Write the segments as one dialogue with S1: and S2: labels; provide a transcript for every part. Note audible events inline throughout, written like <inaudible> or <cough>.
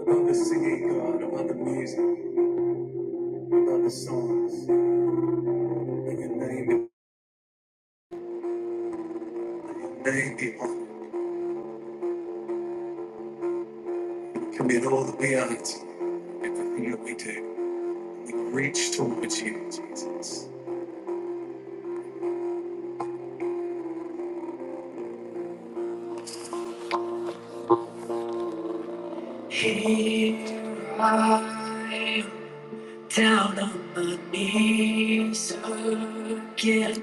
S1: About the singing God, about the music, about the songs, and your name, and your name, people, can be all that we are to everything that we do. We reach towards you, Jesus. Here I am, down on my knees again,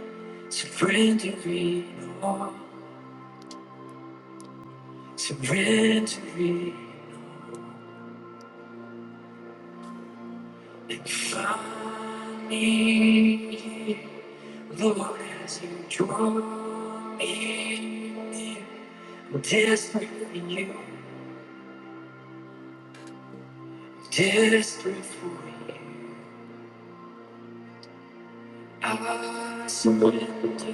S1: surrendering all, surrendering. And Find me, Lord, as you draw me near. I'm desperate for you, desperate for you. I surrender.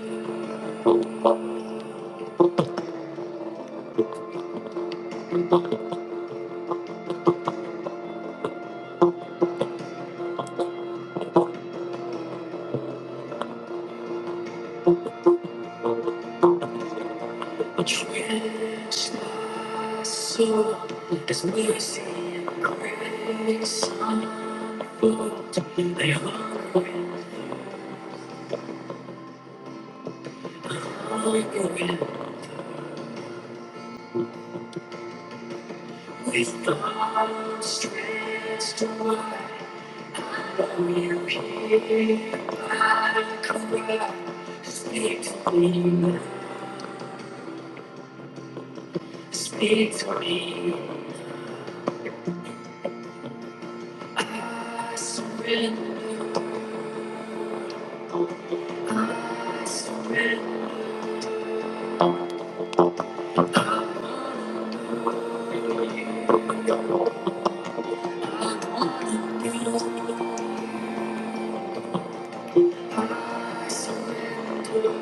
S1: I trust my soul. There's mercy and grace unfold. They hunger and hunger and With arms stretched wide, I know you hear my cry. Speak to me, speak to me. I surrender, oh, I surrender. I want to know. I surrender, I surrender.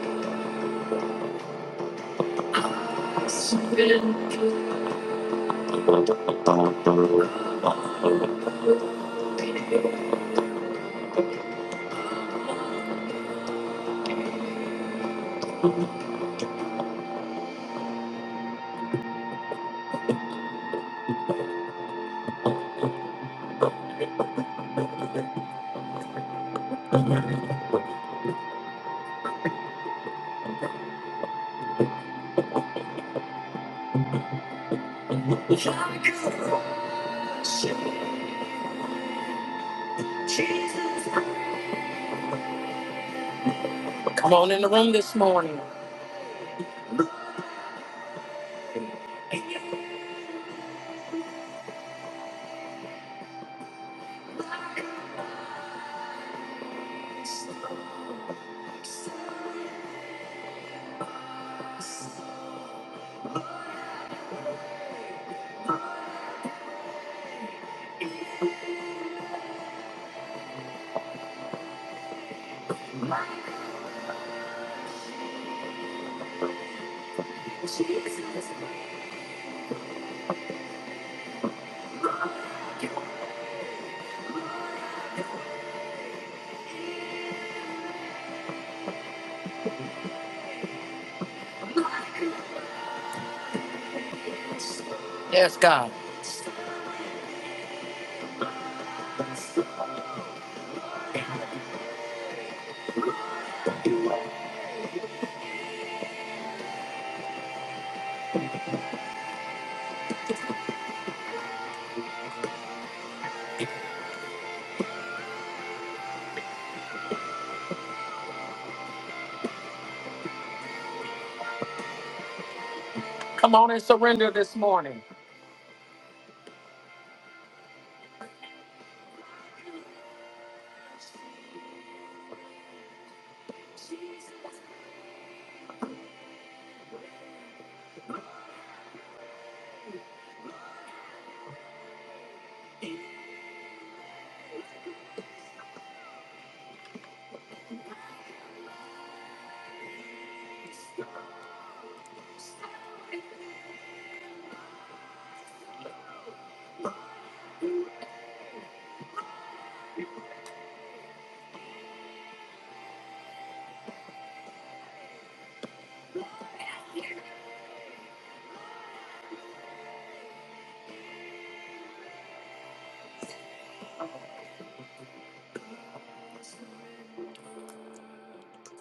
S1: I surrender. Yes, God. Come on and surrender this morning.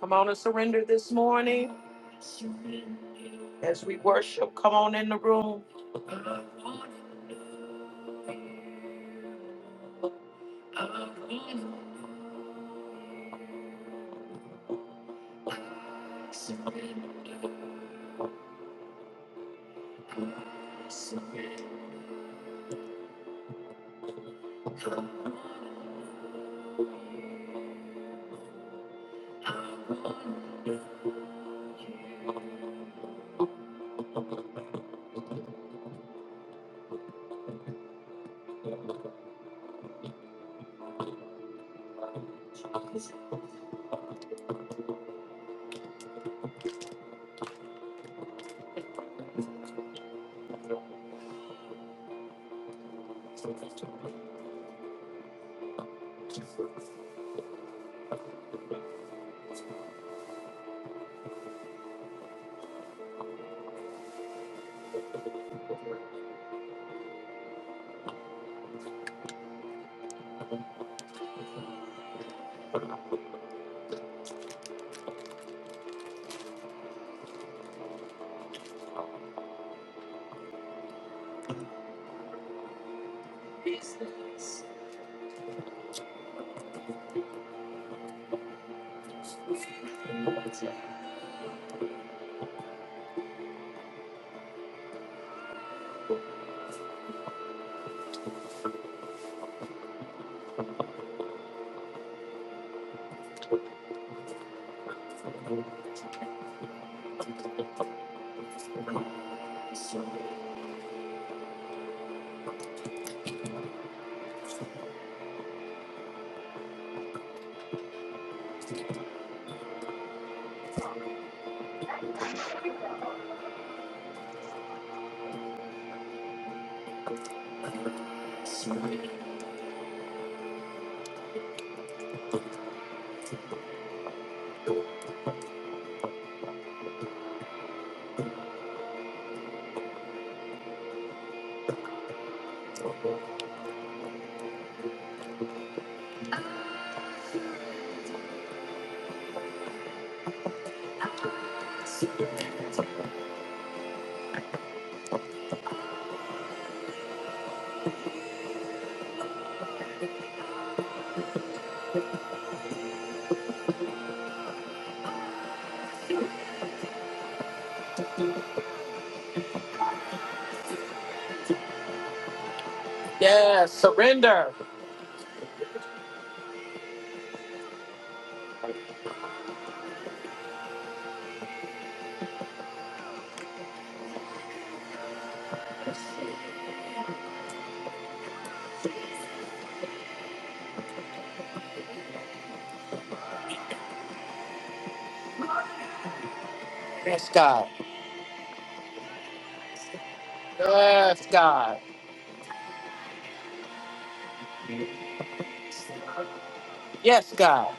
S1: Come on and surrender this morning. As we worship, come on in the room. Yes, surrender. Yes, God. Yes, God. Yes, God.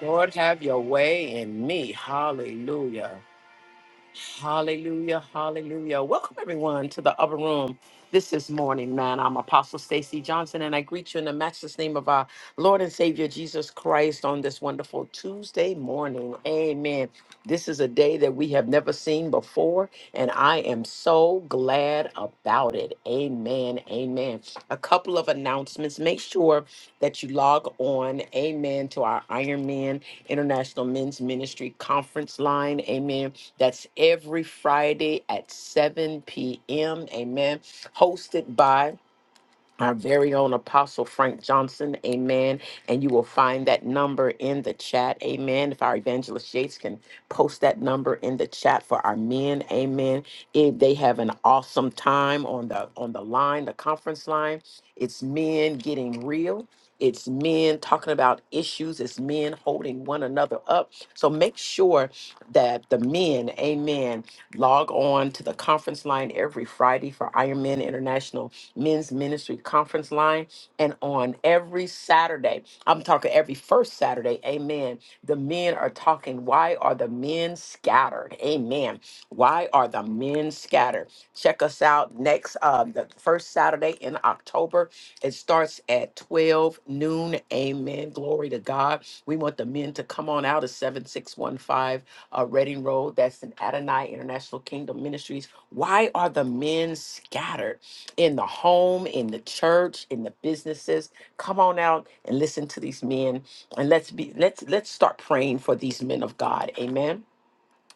S1: Lord, have your way in me. Hallelujah. Hallelujah, hallelujah. Welcome everyone to the upper room. This is morning, man. I'm Apostle Stacy Johnson, and I greet you in the matchless name of our Lord and Savior Jesus Christ on this wonderful Tuesday morning. Amen. This is a day that we have never seen before, and I am so glad about it. Amen. Amen. A couple of announcements. Make sure that you log on, amen, to our Iron Man International Men's Ministry conference line. Amen that's every Friday at 7 p.m. Amen. Hosted by our very own Apostle Frank Johnson. Amen. And you will find that number in the chat. Amen. If our evangelist Yates can post that number in the chat for our men. Amen. If they have an awesome time on the on the line, the conference line. It's men getting real. It's men talking about issues. It's men holding one another up. So make sure that the men, amen, log on to the conference line every Friday for Iron Men International Men's Ministry Conference Line. And on every Saturday, I'm talking every first Saturday, amen, the men are talking. Why are the men scattered? Amen. Why are the men scattered? Check us out next, uh, the first Saturday in October. It starts at 12 noon. Amen. Glory to God. We want the men to come on out of 7615 uh, Reading Road. That's in Adonai International Kingdom Ministries. Why are the men scattered in the home, in the church, in the businesses? Come on out and listen to these men, and let's be let's let's start praying for these men of God. Amen.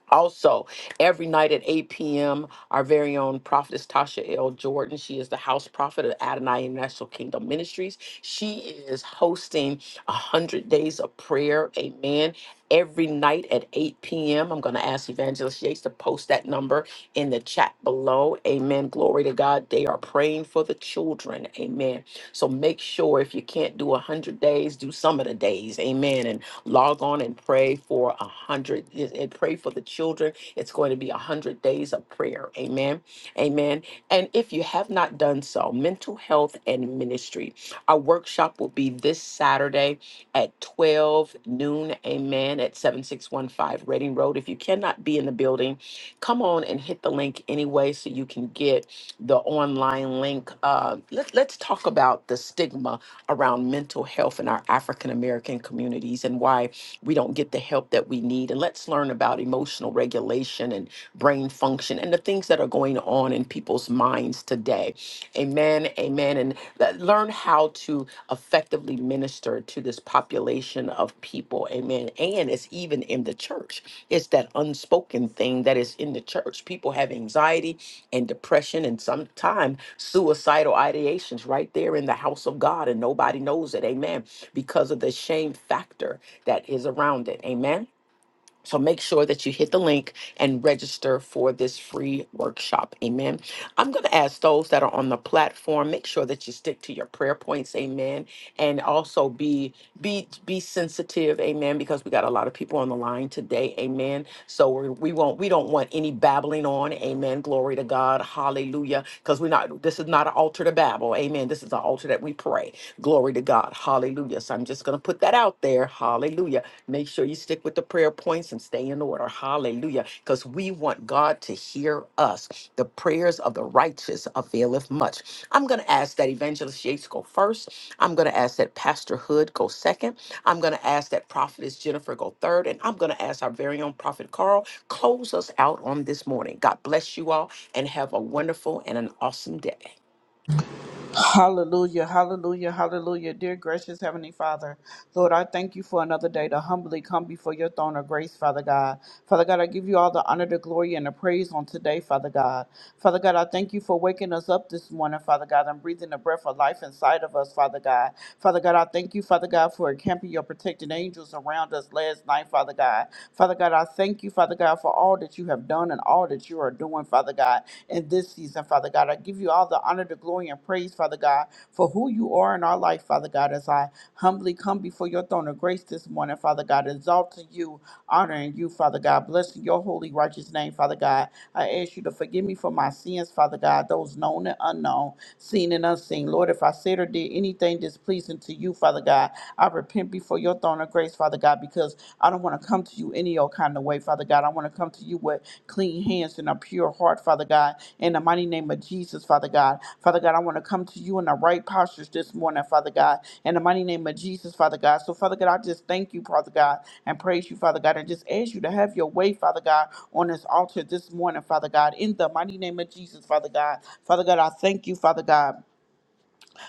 S1: Also, every night at 8 p.m., our very own prophetess Tasha L. Jordan, she is the house prophet of Adonai International Kingdom Ministries. She is hosting 100 Days of Prayer, amen, every night at 8 p.m. I'm going to ask Evangelist Yates to post that number in the chat below, amen. Glory to God. They are praying for the children, amen. So make sure if you can't do 100 days, do some of the days, amen. Log on and pray for a hundred and and pray for the children. It's going to be a hundred days of prayer. Amen. Amen. And if you have not done so, mental health and ministry. Our workshop will be this Saturday at 12 noon. Amen. At 7615 Reading Road. If you cannot be in the building, come on and hit the link anyway so you can get the online link. Uh, let, let's talk about the stigma around mental health in our African American communities and why we don't get the help that we need. And let's learn about emotional regulation and brain function and the things that are going on in people's minds today. Amen. Amen. And le- learn how to effectively minister to this population of people. Amen sin is even in the church. It's that unspoken thing that is in the church. People have anxiety and depression and sometimes suicidal ideations right there in the house of God, and nobody knows it. Amen. Because of the shame factor that is around it. Amen. So make sure that you hit the link and register for this free workshop. Amen. I'm going to ask those that are on the platform, make sure that you stick to your prayer points. Amen. And also be be be sensitive. Amen. Because we got a lot of people on the line today. Amen. So we, we won't we don't want any babbling on. Amen. Glory to God. Hallelujah. Because we're not this is not an altar to babble. Amen. This is an altar that we pray. Glory to God. Hallelujah. Yes, I'm just going to put that out there. Hallelujah. Make sure you stick with the prayer points and stay in order. Hallelujah. Because we want God to hear us. The prayers of the righteous availeth much. I'm going to ask that Evangelist Yates go first. I'm going to ask that Pastor Hood go second. I'm going to ask that Prophetess Jennifer go third. And I'm going to ask our very own Prophet Carl close us out on this morning. God bless you all and have a wonderful and an awesome day.
S2: Hallelujah, hallelujah, hallelujah. Dear gracious Heavenly Father, Lord, I thank you for another day to humbly come before your throne of grace, Father God. Father God, I give you all the honor, the glory, and the praise on today, Father God. Father God, I thank you for waking us up this morning, Father God, and breathing the breath of life inside of us, Father God. Father God, I thank you, Father God, for encamping your protecting angels around us last night, Father God. Father God, I thank you, Father God, for all that you have done and all that you are doing, Father God in this season, Father God. I give you all the honor, the glory, and praise, Father God, for who you are in our life, Father God, as I humbly come before your throne of grace this morning, Father God, exalting you, honoring you, Father God, blessing your holy, righteous name, Father God. I ask you to forgive me for my sins, Father God, those known and unknown, seen and unseen. Lord, if I said or did anything displeasing to you, Father God, I repent before your throne of grace, Father God, because I don't want to come to you any old kind of way, Father God. I want to come to you with clean hands and a pure heart, Father God in the mighty name of Jesus, Father God. Father God, I want to come to you in the right postures this morning, Father God, in the mighty name of Jesus, Father God. So, Father God, I just thank you, Father God, and praise you, Father God, and just ask you to have your way, Father God, on this altar this morning, Father God, in the mighty name of Jesus, Father God. Father God, I thank you, Father God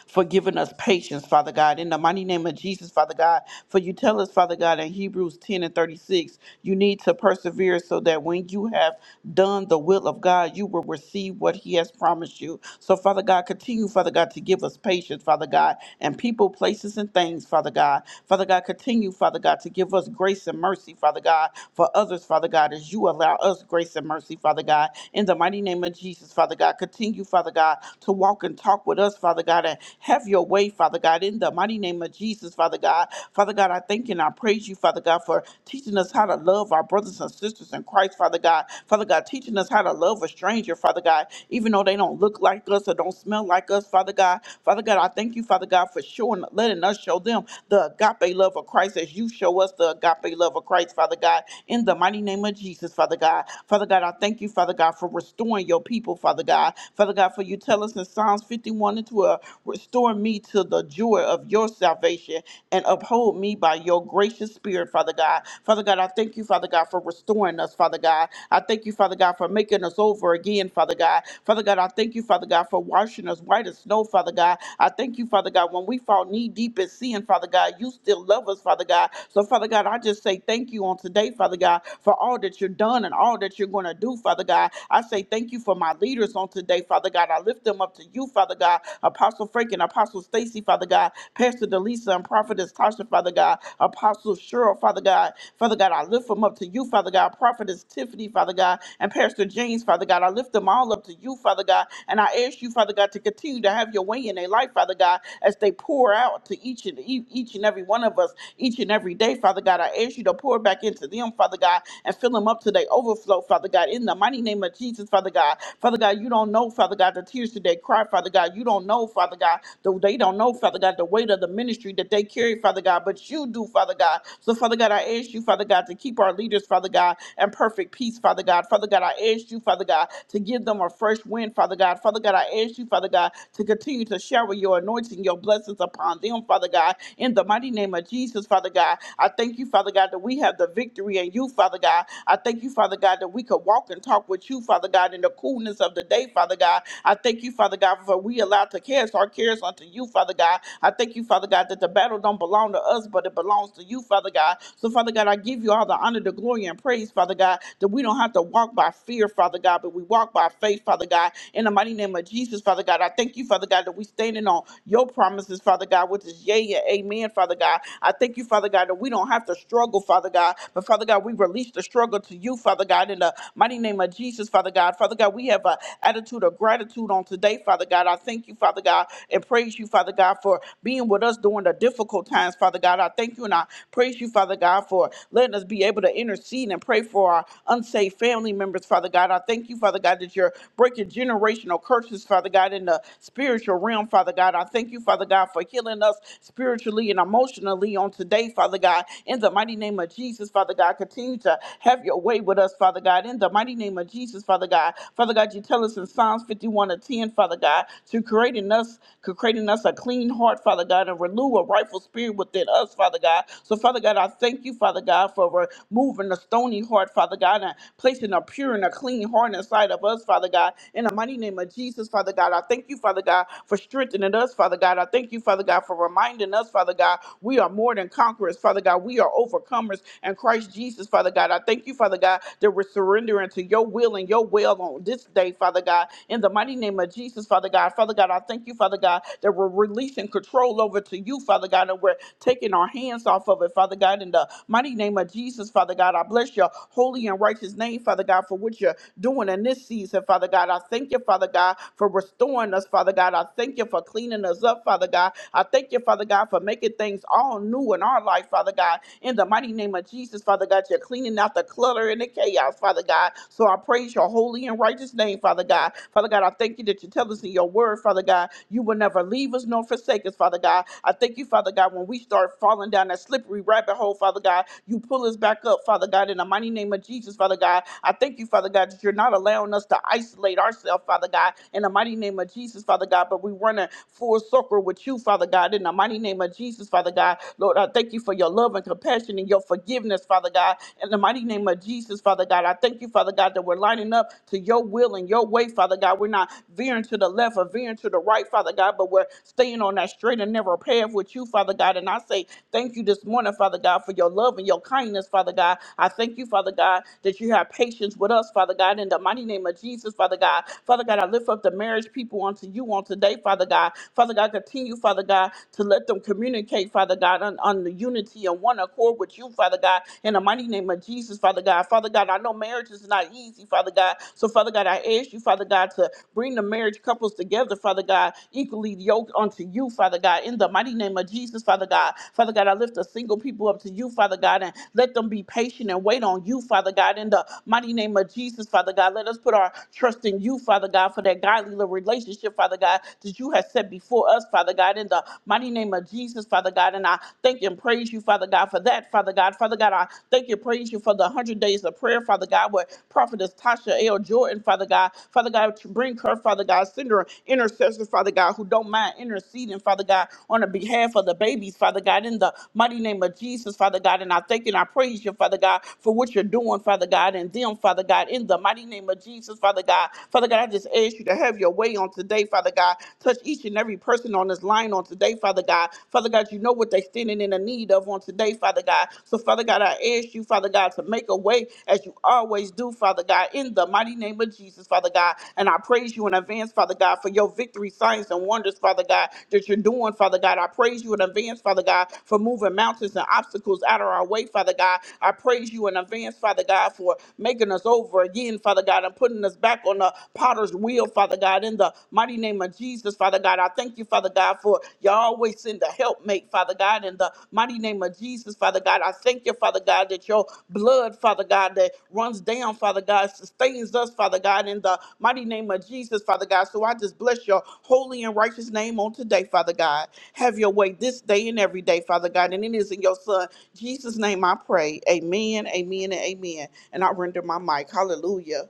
S2: for giving us patience, Father God. In the mighty name of Jesus, Father God, for you tell us, Father God, in Hebrews 10 and 36, you need to persevere so that when you have done the will of God, you will receive what He has promised you. So, Father God, continue, Father God, to give us patience, Father God, and people, places, and things, Father God. Father God, continue, Father God, to give us grace and mercy, Father God, for others, Father God, as you allow us grace and mercy, Father God. In the mighty name of Jesus, Father God, continue, Father. God, to walk and talk with us, Father God, and have your way, Father God, in the mighty name of Jesus, Father God. Father God, I thank you and I praise you, Father God, for teaching us how to love our brothers and sisters in Christ, Father God. Father God, teaching us how to love a stranger, Father God, even though they don't look like us or don't smell like us, Father God. Father God, I thank you, Father God, for showing, letting us show them the agape love of Christ as you show us the agape love of Christ, Father God, in the mighty name of Jesus, Father God. Father God, I thank you, Father God, for for restoring your people, Father God. Father God, for you tell us in Psalms 51 and 12, restore me to the joy of your salvation and uphold me by your gracious spirit, Father God. Father God, I thank you, Father God, for restoring us, Father God. I thank you, Father God, for making us over again, Father God. Father God, I thank you, Father God, for washing us white as snow, Father God. I thank you, Father God, when we fall knee deep in sin, Father God, you still love us, Father God. So, Father God, I just say thank you on today, Father God, for all that that you're done and all that you're going to do, Father God. I say thank you for my leaders on today, Father God. I lift them up to you, Father God. Apostle Frank and Apostle Stacy, Father God. Pastor Delisa and Prophetess Tasha, Father God. Apostle Cheryl, Father God. Father God, I lift them up to you, Father God. Prophetess Tiffany, Father God. And Pastor James, Father God. I lift them all up to you, Father God. And I ask you, Father God, to continue to have your way in their life, Father God, as they pour out to each and e-, each and every one of us each and every day, Father God. I ask you to pour back into them, Father God, and fill them up to their overflow, Father God, in the mighty name of Jesus, Father God. Father God, you don't know, Father God, the tears that they cry, Father God. You don't know, Father God, the, they don't know, Father God, the weight of the ministry that they carry, Father God, but you do, Father God. So, Father God, I ask you, Father God, to keep our leaders, Father God, in perfect peace, Father God. Father God, I ask you, Father God, to give them a fresh wind, Father God. Father God, I ask you, Father God, to continue to shower your anointing, your blessings upon them, Father God, in the mighty the mighty name of Jesus, Father God. I thank you, Father God, that we have the victory in you, Father God. I thank you, Father God, that we could walk and talk with you, Father God, in the coolness of the day, Father God. I thank you, Father God, for we allowed to cast our cares unto you, Father God. I thank you, Father God, that the battle don't belong to us, but it belongs to you, Father God. So, Father God, I give you all the honor, the glory, and praise, Father God, that we don't have to walk by fear, Father God, but we walk by faith, Father God. In the mighty name of Jesus, Father God, I thank you, Father God, that we standing on your your promises, Father God, which is yea and amen, Father God. I thank you, Father God, that we don't have to struggle, Father God, but Father God, we release the struggle to you, Father God, in the mighty name of Jesus, Father God. Father God, we have an attitude of gratitude on today, Father God. I thank you, Father God, and praise you, Father God, for being with us during the difficult times, Father God. I thank you and I praise you, Father God, for letting us be able to intercede and pray for our unsaved family members, Father God. I thank you, Father God, that you're breaking generational curses, Father. Father God, in the spiritual realm, Father God. I thank you, Father God, for healing us spiritually and emotionally on today, Father God. In the mighty name of Jesus, Father God, continue to have your way with us, Father God. In the mighty name of Jesus, Father God. Father God, you tell us in Psalms 51 and 10, Father God, to create in us, creating us a clean heart, Father God, and renew a rightful spirit within us, Father God. So, Father God, I thank you, Father God, for removing the stony heart, Father God, and placing a pure and a clean heart inside of us of us, Father God. In the mighty name of Jesus, Father God, I thank you, Father God, for strengthening us, Father God. I thank you, Father God, for reminding us, Father God, we are more than conquerors, Father God. We are overcomers and Christ Jesus, Father God. I thank you, Father God, that we're surrendering to your will and your will on this day, Father God. In the mighty name of Jesus, Father God. Father God, I thank you, Father God, that we're releasing control over to you, Father God, and we're taking our hands off of it, Father God. In the mighty name of Jesus, Father God, I bless your holy and righteous righteous name, Father God, for what you're doing in this season, Father God. I thank you, Father God, for restoring us, Father God. I thank you for cleaning us up, Father God. I thank you, Father God, for making things all new in our life, Father God. In the mighty name of Jesus, Father God, you're cleaning out the clutter and the chaos, Father God. So I praise your holy and righteous name, Father God. Father God, I thank you that you tell us in your word, Father God, you will never leave us nor forsake us, Father God. I thank you, Father God, when we start falling down that slippery rabbit hole, Father God, you. You pull us back up, Father God, in the mighty name of Jesus, Father God. I thank you, Father God, that you're not allowing us to isolate ourselves, Father God, in the mighty name of Jesus, Father God, but we run a full circle with you, Father God, in the mighty name of Jesus, Father God. Lord, I thank you for your love and compassion and your forgiveness, Father God, in the mighty name of Jesus, Father God. I thank you, Father God, that we're lining up to your will and your way, Father God. We're not veering to the left or veering to the right, Father God, but we're staying on that straight and narrow path with you, Father God. And I say Thank you this morning, Father God, for your love and your kindness, Father God. I thank you, Father God, that you have patience with us, Father God, in the mighty name of Jesus, Father God. Father God, I lift up the marriage people unto you on today, Father God. Father God, continue, Father God, to let them communicate, Father God, on, on the unity and one accord with you, Father God, in the mighty name of Jesus, Father God. Father God, I know marriage is not easy, Father God. So, Father God, I ask you, Father God, to Bring the marriage couples together, Father God, equally yoked unto you, Father God, in the mighty name of Jesus, Father God. Father God, I lift the single people up to you, Father God, and let them be patient and wait on you, Father God, in the mighty name of Jesus, Father God. Let us put our trust in you, Father God, for that godly little relationship, Father God, that you have set before us, Father God, in the mighty name of Jesus, Father God. And I thank and praise you, Father God, for that, Father God. Father God, I thank and praise you for the 100 days of place of prayer, Father God, where prophetess Tasha L. Jordan, Father God, Father God, to bring her, Father God, send her intercessors, Father God, who don't mind interceding, Father God, on the behalf of the babies, Father God, in the mighty name of Jesus, Father God. And I thank you and I praise you, Father God, for what you're doing, Father God, and them, Father God, in the mighty name of Jesus, Father God. Father God, I just ask you to have your way on today, Father God. Touch each and every person on this line on today, Father God. Father God, you know what they're standing in standing in the need of on today, Father God. So, Father God, I ask you, Father God, to make a way as you always do, Father God, in the mighty name of Jesus, Father God. And I praise you in advance, Father God, for your victory, signs, and wonders, Father God, that you're doing, Father God. I praise you in advance, Father God, for moving mountains and obstacles out of our way, Father God. I praise you in advance, Father God, for making us over again, Father God, and putting us back on the potter's wheel, Father God, in the mighty name of Jesus. Jesus, Father God. I thank you, Father God, for you always send the helpmate, Father God, in the mighty name of Jesus, Father God. I thank you, Father God, that your blood, Father God, that runs down, Father God, sustains us, Father God, in the mighty name of Jesus, Father God. So I just bless your holy and righteous name on today, Father God. Have your way this day and every day, Father God. And it is in your Son, Jesus' name I pray. Amen, amen, and amen. And I render my mic. Hallelujah.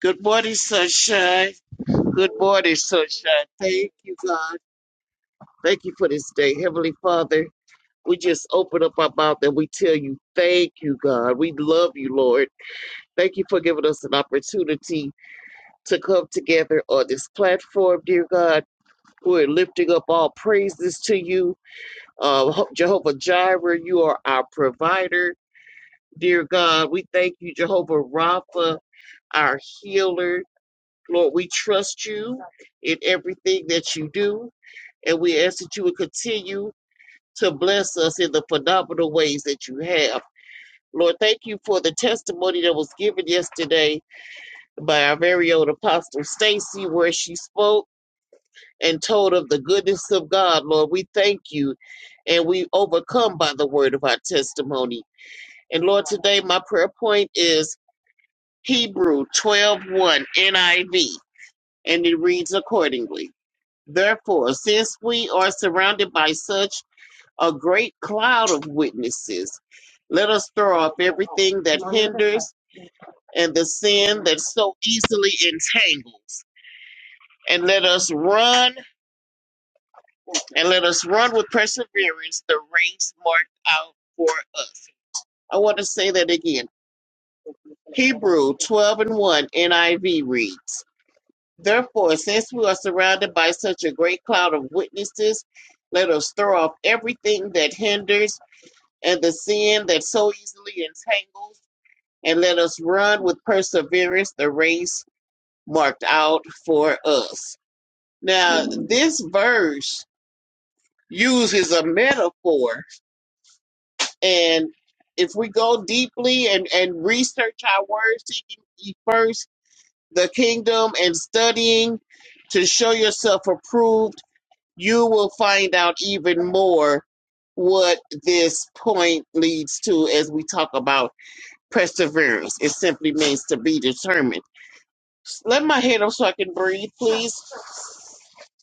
S3: Good morning, sunshine. Good morning, sunshine. Thank you, God. Thank you for this day. Heavenly Father, we just open up our mouth and we tell you, thank you, God. We love you, Lord. Thank you for giving us an opportunity to come together on this platform, dear God. We're lifting up all praises to you. Uh, Ho- Jehovah Jireh, you are our provider, dear God. We thank you, Jehovah Rapha, our healer. Lord, we trust you in everything that you do, and we ask that you would continue to bless us in the phenomenal ways that you have. Lord, thank you for the testimony that was given yesterday by our very own Apostle Stacy, where she spoke and told of the goodness of God. Lord, we thank you, and we overcome by the word of our testimony. And Lord, today my prayer point is Hebrew twelve one NIV, and it reads accordingly. Therefore, since we are surrounded by such a great cloud of witnesses, let us throw off everything that hinders and the sin that so easily entangles, and let us run and let us run with perseverance the race marked out for us. I want to say that again. Hebrew 12 and 1 NIV reads, Therefore, since we are surrounded by such a great cloud of witnesses, let us throw off everything that hinders and the sin that so easily entangles, and let us run with perseverance the race marked out for us. Now, this verse uses a metaphor, and if we go deeply and, and research our words, seeking ye first the kingdom and studying to show yourself approved, you will find out even more what this point leads to as we talk about perseverance. It simply means to be determined. Let my head up so I can breathe, please.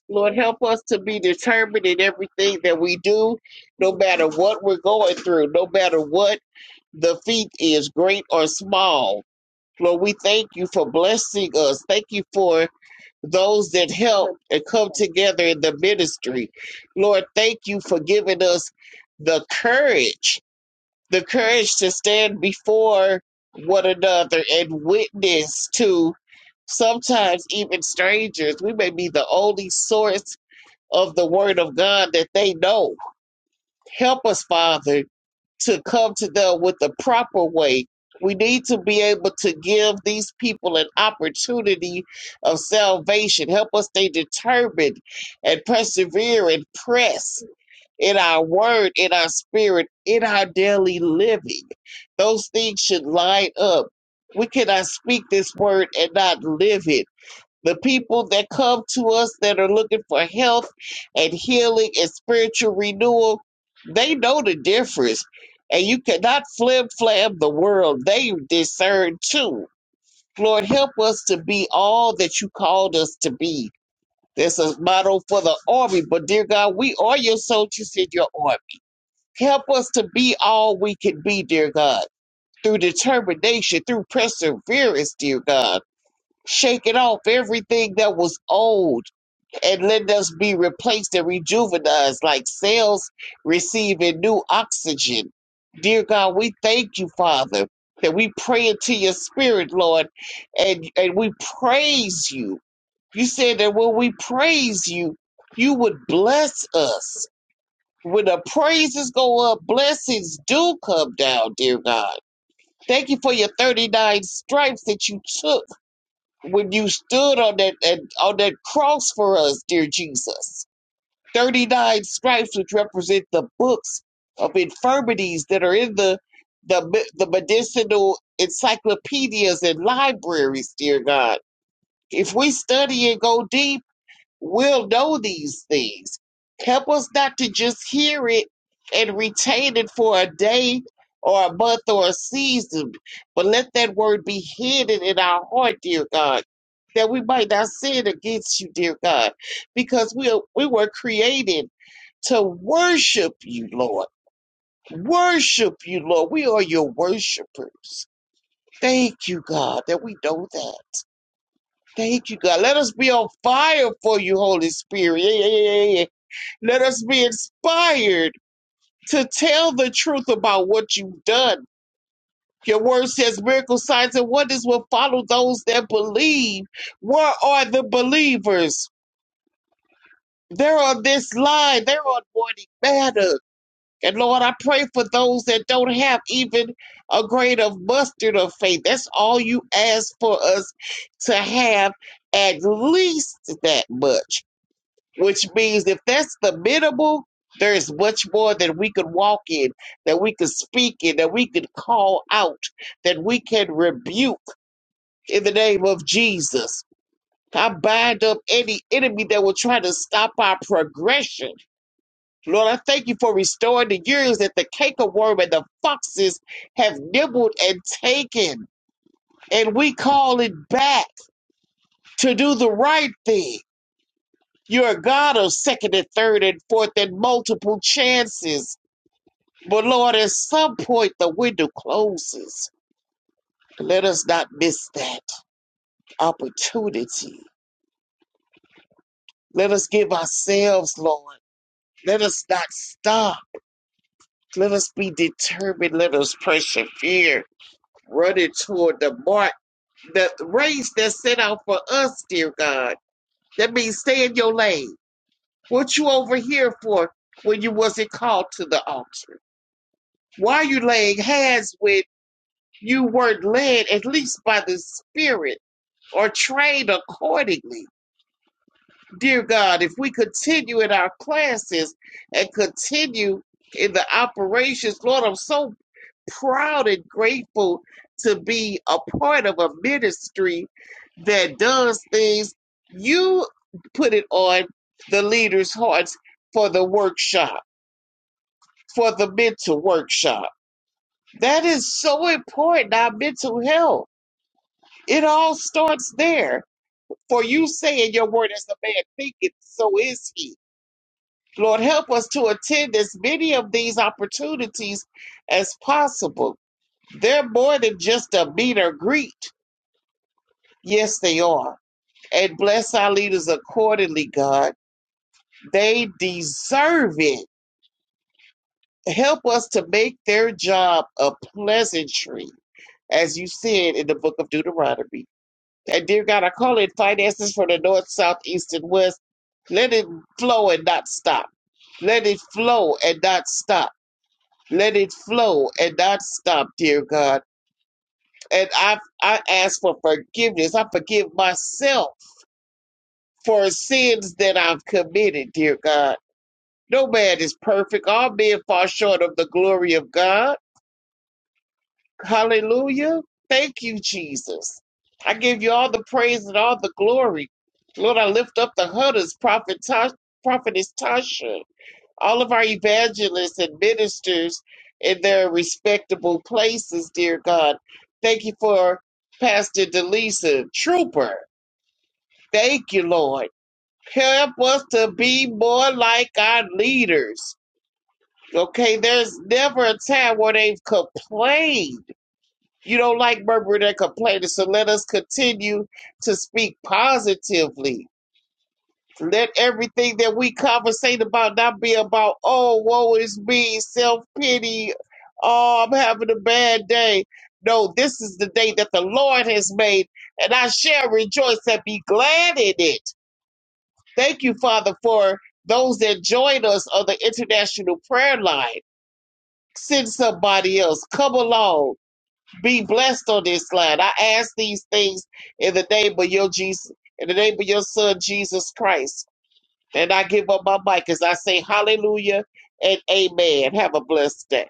S3: Lord, help us to be determined in everything that we do, no matter what we're going through, no matter what the feat is, great or small. Lord, we thank you for blessing us. Thank you for those that help and come together in the ministry. Lord, thank you for giving us the courage the courage to stand before one another and witness to sometimes even strangers. We may be the only source of the word of God that they know. Help us, Father, to come to them with the proper way. We need to be able to give these people an opportunity of salvation. Help us stay determined and persevere and press in our word, in our spirit, in our daily living. Those things should line up. We cannot speak this word and not live it. The people that come to us that are looking for health and healing and spiritual renewal, they know the difference. And you cannot flim flam the world. They discern too. Lord, help us to be all that you called us to be. This is motto for the army, but dear God, we are your soldiers in your army. Help us to be all we can be, dear God, through determination, through perseverance, dear God. Shake it off everything that was old and let us be replaced and rejuvenized like cells receiving new oxygen. Dear God, we thank you, Father, that we pray into your spirit, Lord, and, and we praise you. You said that when we praise you, you would bless us. When the praises go up, blessings do come down, dear God. Thank you for your 39 stripes that you took when you stood on that, that on that cross for us, dear Jesus. 39 stripes which represent the books of infirmities that are in the the, me- the medicinal encyclopedias and libraries, dear God. If we study and go deep We'll know these things. Help us not to just hear it and retain it for a day or a month or a season, but let that word be hidden in our heart, dear God, that we might not sin against you, dear God, because we, are, we were created to worship you, Lord. Worship you, Lord. We are your worshipers. Thank you, God, that we know that. Thank you, God. Let us be on fire for you, Holy Spirit. Yeah, yeah, yeah, yeah. yeah. Let us be inspired to tell the truth about what you've done. Your word says miracle signs and wonders will follow those that believe. Where are the believers? They're on this line. They're on morning matter. And Lord, I pray for those that don't have even a grain of mustard of faith. That's all you ask for us to have at least that much. which means if that's the minimal, there is much more that we could walk in, that we could speak in, that we could call out, that we can rebuke in the name of Jesus. I bind up any enemy that will try to stop our progression. Lord, I thank you for restoring the years that the canker and the foxes have nibbled and taken. And we call it back to do the right thing You're a God of second and third and fourth and multiple chances. But Lord, at some point the window closes. Let us not miss that opportunity. Let us give ourselves, Lord. Let us not stop. Let us be determined. Let us persevere, running toward the mark, the race that's set out for us, dear God. That means stay in your lane. What you over here for when you wasn't called to the altar? Why are you laying hands when you weren't led at least by the Spirit or trained accordingly? Dear God, if we continue in our classes and continue in the operations, Lord, I'm so proud and grateful to be a part of a ministry that does things. You put it on the leaders' hearts for the workshop, for the mental workshop. That is so important, our mental health. It all starts there. For you saying your word as a man thinketh, so is he. Lord, help us to attend as many of these opportunities as possible. They're more than just a meet or greet. Yes, they are. And bless our leaders accordingly, God. They deserve it. Help us to make their job a pleasantry, as you said in the book of Deuteronomy. And dear God, I call in finances for the north, south, east, and west. Let it flow and not stop. Let it flow and not stop. Let it flow and not stop, dear God. And I I ask for forgiveness. I forgive myself for sins that I've committed, dear God. No man is perfect. All men fall short of the glory of God. Hallelujah. Thank you, Jesus. I give you all the praise and all the glory. Lord, I lift up the Hudders, Prophet Ta- Prophetess Tasha, all of our evangelists and ministers in their respectable places, dear God. Thank you for Pastor Delisa Trooper. Thank you, Lord. Help us to be more like our leaders. Okay, there's never a time where they've complained you don't like murmuring and complaining, so let us continue to speak positively. Let everything that we conversate about not be about, oh, woe is me, self pity, oh, I'm having a bad day. No, this is the day that the Lord has made, and I shall rejoice and be glad in it. Thank you, Father, for those that join us on the International Prayer Line. Send somebody else. Come along be blessed on this line. I ask these things in the name of your Jesus, in the name of your son Jesus Christ. And I give up my mic as I say hallelujah and amen. Have a blessed day.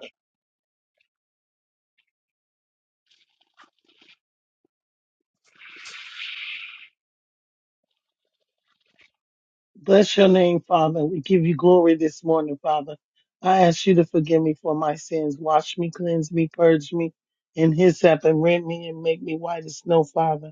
S4: Bless your name, Father. We give you glory this morning, Father. I ask you to forgive me for my sins. Wash me, cleanse me, purge me in hyssop, and rend me and make me white as snow, Father.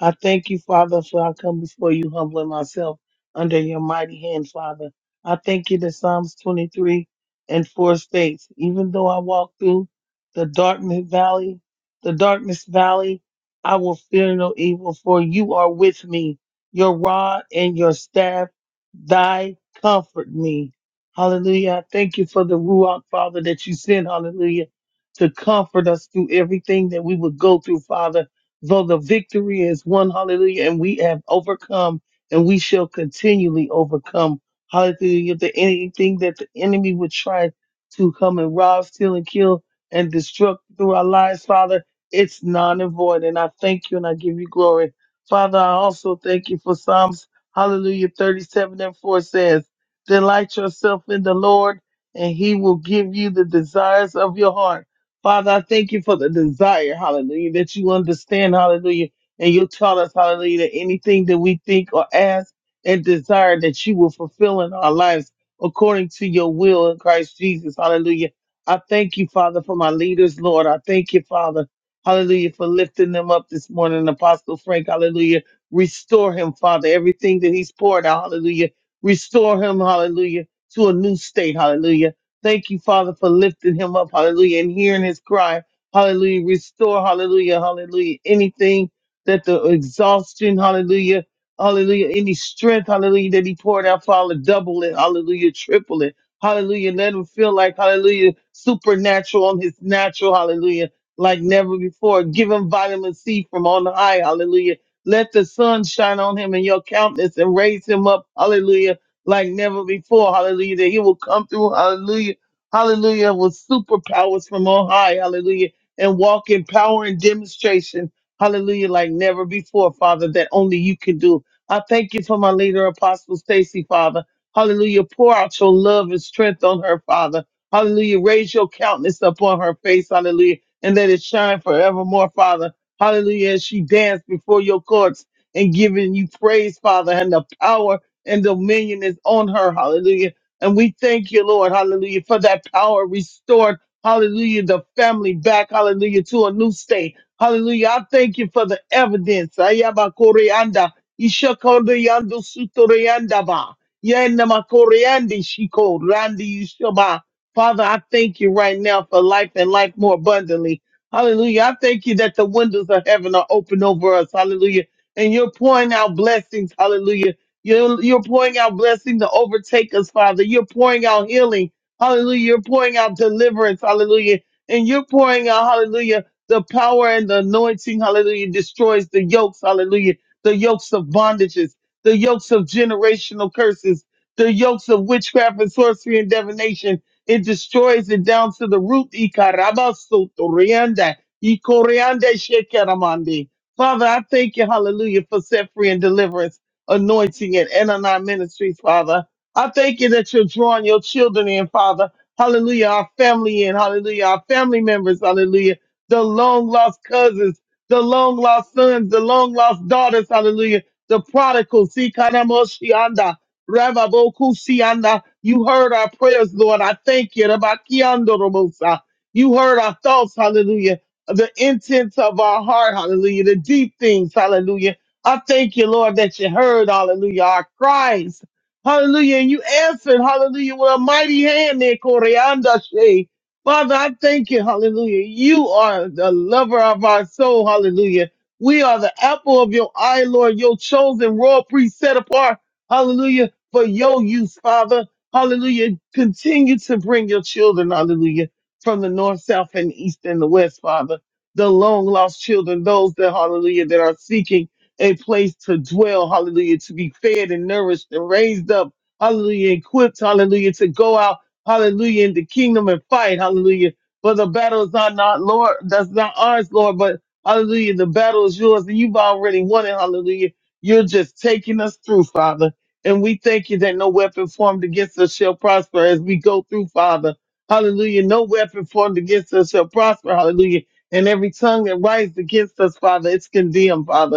S4: I thank you, Father, for I come before you humbling myself under your mighty hand, Father. I thank you that Psalms 23 and 4 states, even though I walk through the darkness valley, the darkness valley, I will fear no evil, for you are with me. Your rod and your staff, thy comfort me. Hallelujah. I thank you for the Ruach, Father, that you send. hallelujah, to comfort us through everything that we would go through, Father though the victory is won, hallelujah, and we have overcome and we shall continually overcome, hallelujah, the anything that the enemy would try to come and rob, steal, and kill and destruct through our lives, Father, it's non and void. And I thank you and I give you glory. Father, I also thank you for Psalms, hallelujah, 37 and 4 says, Delight yourself in the Lord, and he will give you the desires of your heart. Father, I thank you for the desire, hallelujah, that you understand, hallelujah, and you taught us, hallelujah, that anything that we think or ask and desire that you will fulfill in our lives according to your will in Christ Jesus, hallelujah. I thank you, Father, for my leaders, Lord. I thank you, Father, hallelujah, for lifting them up this morning. Apostle Frank, hallelujah, restore him, Father, everything that he's poured out, hallelujah. Restore him, hallelujah, to a new state, hallelujah. Thank you, Father, for lifting him up. Hallelujah. And hearing his cry. Hallelujah. Restore. Hallelujah. Hallelujah. Anything that the exhaustion. Hallelujah. Hallelujah. Any strength. Hallelujah. That he poured out, Father, double it. Hallelujah. Triple it. Hallelujah. Let him feel like, hallelujah, supernatural on his natural. Hallelujah. Like never before. Give him vitamin C from on high. Hallelujah. Let the sun shine on him in your countenance and raise him up. Hallelujah like never before. Hallelujah. That he will come through. Hallelujah. Hallelujah. With superpowers from on high. Hallelujah. And walk in power and demonstration. Hallelujah. Like never before, Father, that only you can do. I thank you for my leader, Apostle Stacy, Father. Hallelujah. Pour out your love and strength on her, Father. Hallelujah. Raise your countenance upon her face. Hallelujah. And let it shine forevermore, Father. Hallelujah. As she danced before your courts and giving you praise, Father, and the power and dominion is on her. Hallelujah. And we thank you, Lord. Hallelujah. For that power restored. Hallelujah. The family back. Hallelujah. To a new state. Hallelujah. I thank you for the evidence. Ayabakoreanda, ishakoreando, sutoreandaba, yenamakoreandi, shiko, randi, yishaba. Father, I thank you right now for life and life more abundantly. Hallelujah. I thank you that the windows of heaven are open over us. Hallelujah. And you're pouring out blessings. Hallelujah you're, you're pouring out blessing to overtake us, Father. You're pouring out healing. Hallelujah. You're pouring out deliverance. Hallelujah. And you're pouring out, hallelujah, the power and the anointing. Hallelujah. Destroys the yokes. Hallelujah. The yokes of bondages, the yokes of generational curses, the yokes of witchcraft and sorcery and divination. It destroys it down to the root. Ikarabasotorianda, ikorianda shekeramande. Father, I thank you, hallelujah, for set free and deliverance anointing and Enani Ministries, Father. I thank you that you're drawing your children in, Father. Hallelujah. Our family in, hallelujah. Our family members, hallelujah. The long lost cousins, the long lost sons, the long lost daughters, hallelujah. The prodigal, Sikanamoshianda, Rababokusianda. You heard our prayers, Lord. I thank you. Rabakiandorobosa. You heard our thoughts, hallelujah. The intents of our heart, hallelujah. The deep things, hallelujah I thank you, Lord, that you heard, hallelujah, our cries. Hallelujah. And you answered, hallelujah, with a mighty hand there, Corianda Shay. Father, I thank you, hallelujah. You are the lover of our soul, hallelujah. We are the apple of your eye, Lord, your chosen royal priest set apart, hallelujah, for your use, Father. Hallelujah. Continue to bring your children, hallelujah, from the north, south, and east, and the west, Father. The long lost children, those that, hallelujah, that are seeking a place to dwell, hallelujah, to be fed and nourished and raised up, hallelujah, equipped, hallelujah, to go out, hallelujah, in the kingdom and fight, hallelujah. For the battle is not Lord, that's not ours, Lord, but hallelujah, the battle is yours and you've already won it, hallelujah. You're just taking us through, Father. And we thank you that no weapon formed against us shall prosper as we go through, Father. Hallelujah. No weapon formed against us shall prosper. Hallelujah. And every tongue that rises against us, Father, it's condemned, Father.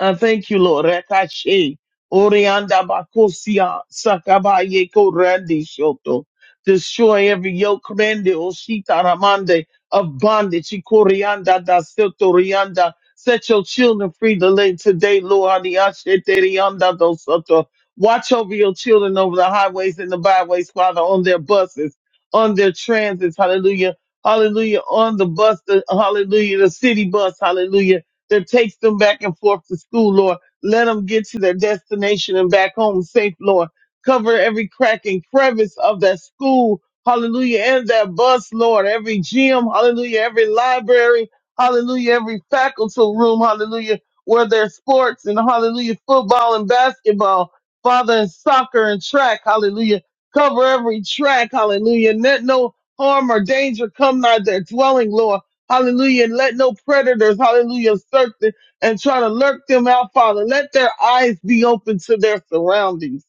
S4: I thank you, Lord. Rekashe, Orianda Bakosia, Sakabaye Korandi Shoto. Destroy every yoke, Rende Oshita Ramande of bondage. Ikorianda da Soto Rianda. Set your children free to today, Lord. Adiashe Terianda do Soto. Watch over your children over the highways and the byways, Father, on their buses, on their transits. Hallelujah. Hallelujah. On the bus, the, hallelujah. The city bus, hallelujah that takes them back and forth to school, Lord. Let them get to their destination and back home safe, Lord. Cover every crack and crevice of that school, hallelujah, and that bus, Lord. Every gym, hallelujah, every library, hallelujah, every faculty room, hallelujah, where there's sports and hallelujah, football and basketball, father and soccer and track, hallelujah. Cover every track, hallelujah. Let no harm or danger come nigh their dwelling, Lord. Hallelujah. And let no predators, hallelujah, search them and try to lurk them out, Father. Let their eyes be open to their surroundings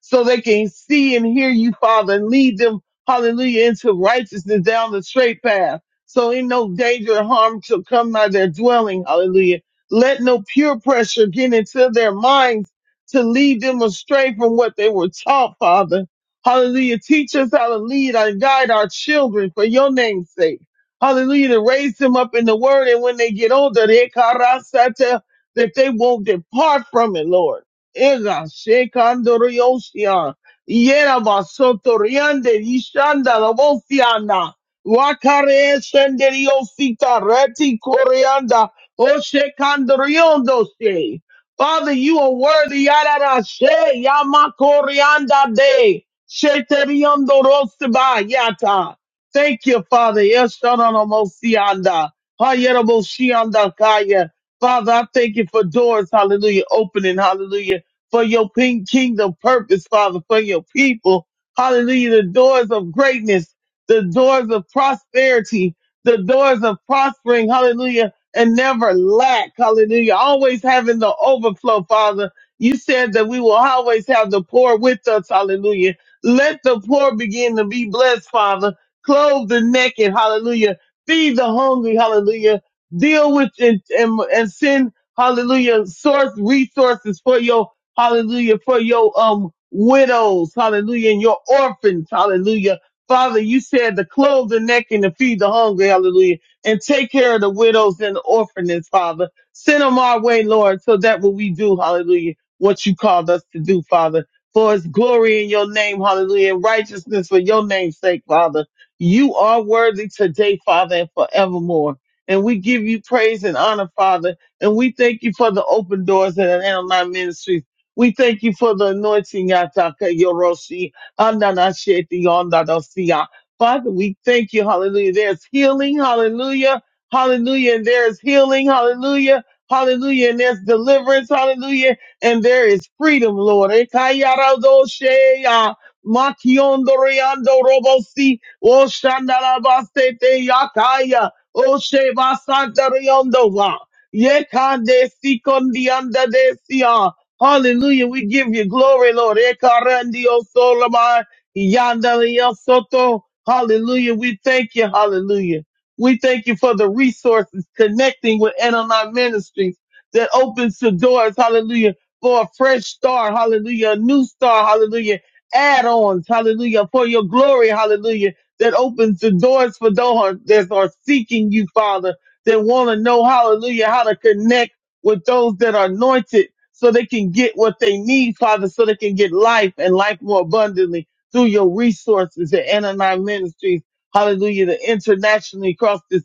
S4: so they can see and hear you, Father, and lead them, hallelujah, into righteousness down the straight path. So in no danger or harm shall come by their dwelling. Hallelujah. Let no peer pressure get into their minds to lead them astray from what they were taught, Father. Hallelujah. Teach us how to lead and guide our children for your name's sake. Hallelujah. To raise them up in the word. And when they get older, they karasata, that they won't depart from it, Lord. Ega shekandoriosia, yerabasotoriande, yishandalabosiana, wakareeshenderiosita, retikorianda, oshekandoriondose. Father, you are worthy. Yararashe, yamakorianda de, sheteriondoroseba, yata. Thank you, Father. Yeshananamosianda. Hayeraboshiandakaya. Father, I thank you for doors, hallelujah, opening, hallelujah, for your king- kingdom purpose, Father, for your people. Hallelujah, the doors of greatness, the doors of prosperity, the doors of prospering, hallelujah, and never lack, hallelujah, always having the overflow, Father. You said that we will always have the poor with us, hallelujah. Let the poor begin to be blessed, Father clothe the naked, hallelujah, feed the hungry, hallelujah, deal with and, and, and send, hallelujah, source resources for your, hallelujah, for your, um, widows, hallelujah, and your orphans, hallelujah. Father, you said to clothe the naked and to feed the hungry, hallelujah, and take care of the widows and the orphans, Father. Send them our way, Lord, so that what we do, hallelujah, what you called us to do, Father for it's glory in your name, hallelujah, and righteousness for your name's sake, Father. You are worthy today, Father, and forevermore. And we give you praise and honor, Father. And we thank you for the open doors at Atlanta online Ministries. We thank you for the anointing, Yataka Yoroshi, Andanasheti, Ondadosiya. Father, we thank you, hallelujah. There's healing, hallelujah, hallelujah, and there is healing, hallelujah, hallelujah, and there's deliverance, hallelujah, and there is freedom, Lord. Ekayaradosheya. Mationdo Riando Robosi, O Shandalabaste Yakaya, O Sheba Santa Riondova, Yekande Sikondianda Desia. Hallelujah, we give you glory, Lord. Ekarandio Solomai, Yandalia Soto. Hallelujah, we thank you, hallelujah. We thank you for the resources connecting with Anonymous Ministries that opens the doors, hallelujah, for a fresh start, hallelujah, a new start, hallelujah add-ons, hallelujah, for your glory, hallelujah, that opens the doors for those that are seeking you, Father, that want to know, hallelujah, how to connect with those that are anointed so they can get what they need, Father, so they can get life and life more abundantly through your resources at Anani Ministries, hallelujah, the internationally across this,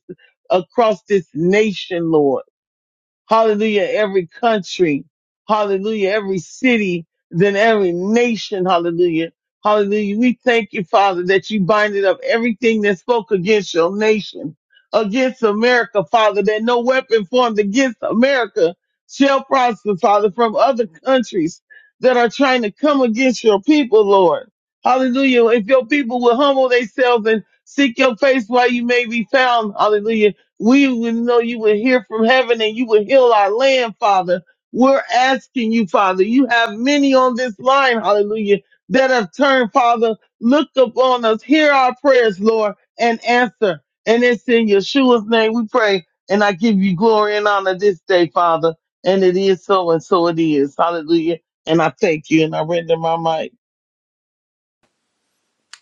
S4: across this nation, Lord. Hallelujah. Every country. Hallelujah. Every city. Then every nation. Hallelujah. Hallelujah. We thank you, Father, that you binded up everything that spoke against your nation, against America, Father, that no weapon formed against America shall prosper, Father, from other countries that are trying to come against your people, Lord. Hallelujah. If your people will humble themselves and seek your face while you may be found, hallelujah we would know you would hear from heaven and you would heal our land, Father. We're asking you, Father. You have many on this line, hallelujah, that have turned, Father. Look upon us, hear our prayers, Lord, and answer. And it's in Yeshua's name we pray. And I give you glory and honor this day, Father. And it is so, and so it is. Hallelujah. And I thank you, and I render my mic.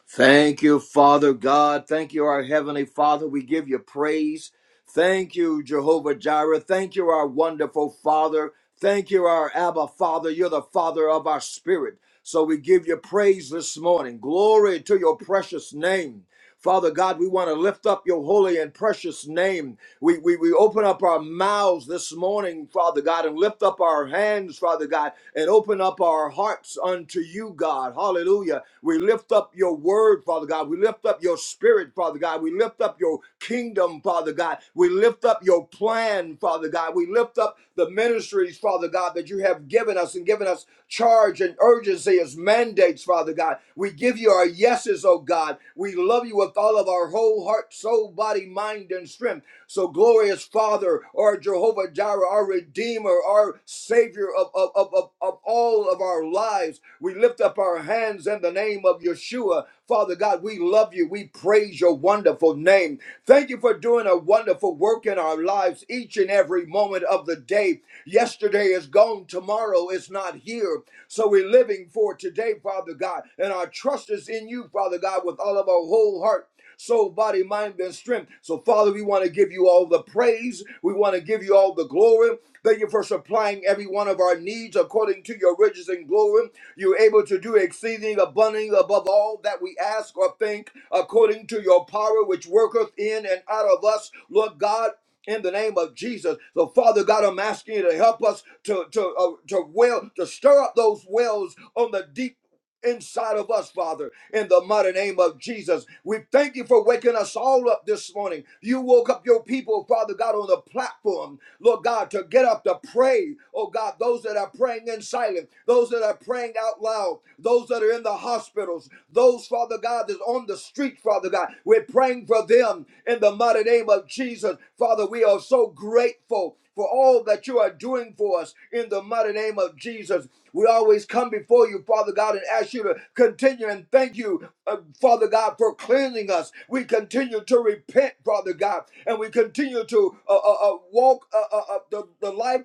S5: Thank you, Father God. Thank you, our Heavenly Father. We give you praise. Thank you, Jehovah Jireh. Thank you, our wonderful Father. Thank you, our Abba Father. You're the Father of our spirit. So we give you praise this morning. Glory to your precious name. Father God, we want to lift up your holy and precious name. We, we, we open up our mouths this morning, Father God, and lift up our hands, Father God, and open up our hearts unto you, God. Hallelujah we lift up your word, Father God. We lift up your spirit, Father God. We lift up your kingdom, Father God. We lift up your plan, Father God. We lift up the ministries, Father God, that you have given us and given us charge and urgency as mandates, Father God. We give you our yeses, oh God. We love you with all of our whole heart, soul, body, mind, and strength. So, glorious Father, our Jehovah Jireh, our Redeemer, our Savior of, of, of, of, of all of our lives, we lift up our hands in the name of Yeshua. Father God, we love you. We praise your wonderful name. Thank you for doing a wonderful work in our lives each and every moment of the day. Yesterday is gone, tomorrow is not here. So we're living for today, Father God, and our trust is in you, Father God, with all of our whole heart soul, body, mind, and strength. So, Father, we want to give you all the praise. We want to give you all the glory. Thank you for supplying every one of our needs according to your riches and glory. You're able to do exceeding abundantly above all that we ask or think according to your power which worketh in and out of us. Lord God, in the name of Jesus. So, Father God, I'm asking you to help us to to uh, to well to stir up those wells on the deep inside of us, Father, in the mighty name of Jesus. We thank you for waking us all up this morning. You woke up your people, Father God, on the platform, Lord God, to get up to pray. Oh God, those that are praying in silence, those that are praying out loud, those that are in the hospitals, those, Father God, that's on the street, Father God. We're praying for them in the mighty name of Jesus. Father, we are so grateful for all that you are doing for us in the mighty name of Jesus. We always come before you, Father God, and ask you to continue and thank you, uh, Father God, for cleansing us. We continue to repent, Father God, and we continue to uh, uh, uh, walk uh, uh, uh, the, the life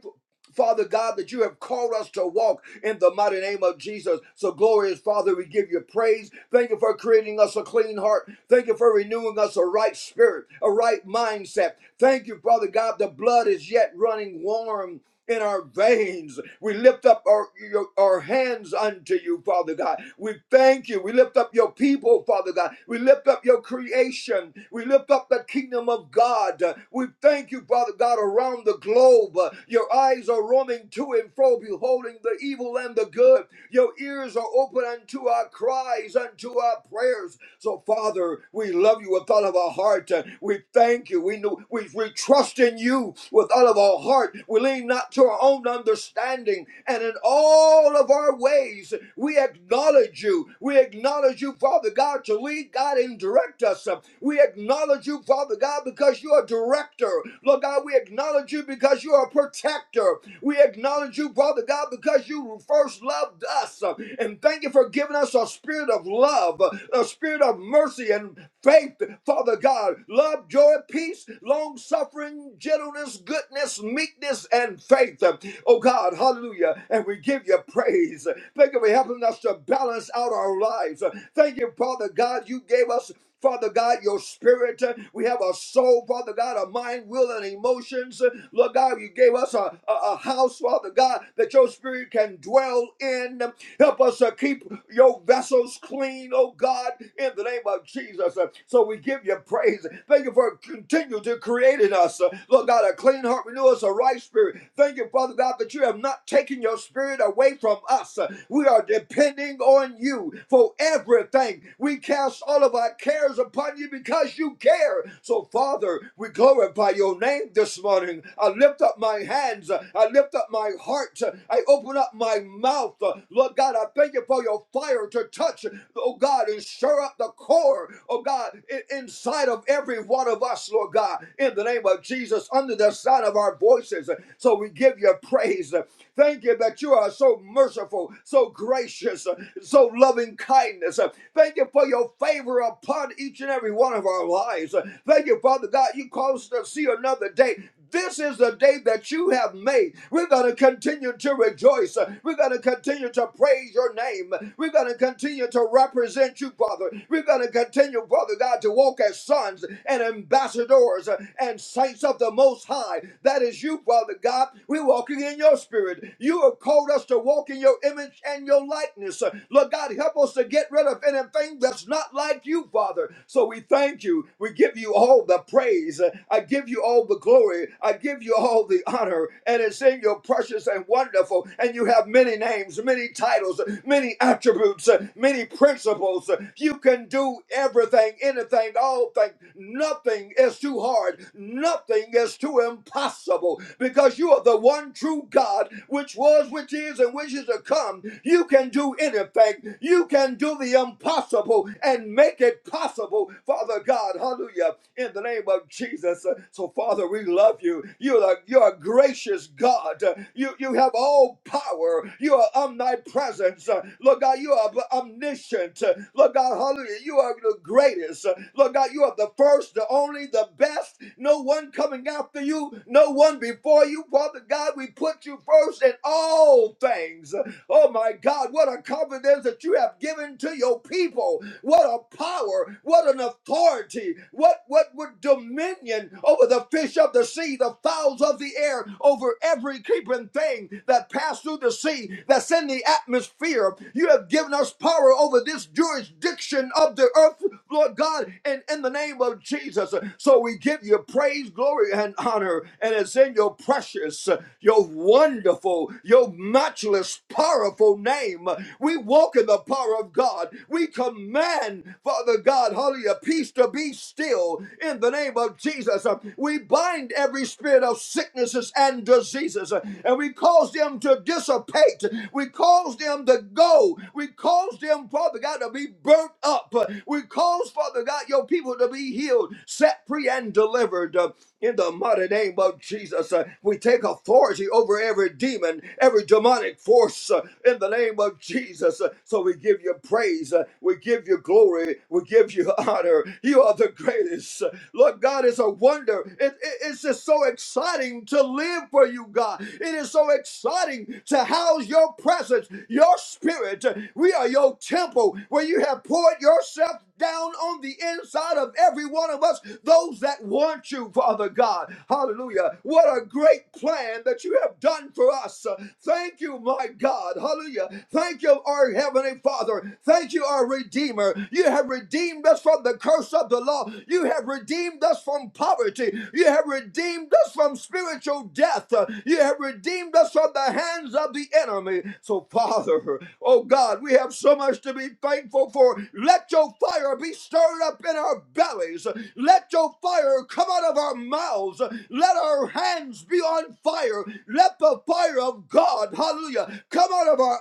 S5: Father God, that you have called us to walk in the mighty name of Jesus. So, glorious Father, we give you praise. Thank you for creating us a clean heart. Thank you for renewing us a right spirit, a right mindset. Thank you, Father God, the blood is yet running warm. In our veins, we lift up our, your, our hands unto you, Father God. We thank you. We lift up your people, Father God. We lift up your creation creation. We lift up the kingdom of God. We thank you, Father God, around the globe. Your eyes are roaming to and fro, beholding the evil and the good. Your ears are open unto our cries, unto our prayers. So, Father, we love you with all of our heart. We thank you. We know we, we trust in you with all of our heart. We lean not to our own understanding, and and in all of our ways, we acknowledge you. We acknowledge you, Father God, to lead God and direct us. We acknowledge you, Father God, because you are director. Lord God, we acknowledge you because you are a protector. We acknowledge you, Father God, because you first loved us. And thank you for giving us a spirit of love, a spirit of mercy and faith, Father God. love love, joy, peace, long suffering, gentleness, goodness, meekness, and faith. Oh God, hallelujah. And we give you praise. Thank you for helping us to balance out our lives. Thank you, Father God, you gave us. Father God, your spirit. We have a soul, Father God, a mind, will, and emotions. Lord God, you gave us a, a, a house, Father God, that your spirit can dwell in. Help us to keep your vessels clean, oh God, in the name of Jesus. Uh, So we give you praise. Thank you for continuing to create in us, uh, Lord God, a clean heart, renew us a right spirit. Thank you, Father God, that you have not taken your spirit away from us. Uh, We are depending on you for everything. We cast all of our cares upon you because you care. So, Father, we glorify your name this morning. I lift up my hands. I lift up up my heart. I open up my mouth. Lord God, I thank you for your fire to touch, oh God, and stir up the core, oh God, inside of every one of us, Lord God, in the name of Jesus, under the sound of our voices. So we give you praise. Thank you that you are so merciful, so gracious, so loving kindness. Thank you for your favor upon each and every one of our lives. Thank you, Father God, you caused us to see another day. This is the day that you have made. We're going to continue to rejoice. We're going to continue to praise your name. We're going to continue to represent you, Father. We're going to continue, Father God, to walk as sons and ambassadors and saints of the Most High. That is you, Father God. We're walking in your spirit. You have called us to walk in your image and your likeness. Lord God, help us to get rid of anything that's not like you, Father. So we thank you. We give you all the praise. I give you all the glory. I give you all the honor. And it's in your precious and wonderful. And you have many names, many titles, many attributes, many principles. You can do everything, anything, all things. Nothing is too hard. Nothing is too impossible because you are the one true God, which was, which is, and which is to come. You can do anything. You can do the impossible impossible and make it possible, Father God. Hallelujah. In the name of Jesus. Uh, So, Father, we love you. You're a, you're a gracious God. Uh, You, you have all power. You are omnipresent. Uh, Lord God, you are omniscient. Uh, Lord God, hallelujah. You are the greatest. Uh, Lord God, you are the first, the only, the best. No one coming after you, no one before you. Father God, we put you first in all things. Oh my God, what a confidence that you have given to your people. What a power, what an authority, what what what dominion over the fish of the sea, the fowls of the air, over every creeping thing that passed through the sea, that's in the atmosphere. You have given us power over this jurisdiction of the earth, Lord God, and in the name of Jesus. So we give you praise, glory, and honor, and it's in your precious, your your wonderful, your matchless, powerful name. We walk in the power of God. We command, Father God, hallelujah, peace to be still in the name of Jesus. We bind every spirit of sicknesses and diseases and we cause them to dissipate. We cause them to go. We cause them, Father God, to be burnt up. We cause, Father God, your people to be healed, set free, and delivered. In the mighty name of Jesus, uh, we take authority over every demon, every demonic force uh, in the name of Jesus. Uh, so we give you praise, uh, we give you glory, we give you <laughs> honor. You are the greatest. Uh, Lord God, it's a wonder. It, it- it's just so exciting to live for you, God. It is so exciting to house your presence, your spirit. Uh, We are your temple where you have poured yourself down on the inside of every one of us, those that want you, Father God. Hallelujah. What a great plan that you have done for us. Thank you, my God. Hallelujah. Thank you, our Heavenly Father. Thank you, our Redeemer. You have redeemed us from the curse of the law. You have redeemed us from poverty. You have redeemed us from spiritual death. You have redeemed us from the hands of the enemy. So, Father, oh God, we have so much us to be thankful for. Let your fire be stirred up in our bellies. Let your fire come out of our mouths. Let our hands be on fire. Let the fire of God, hallelujah, come out of our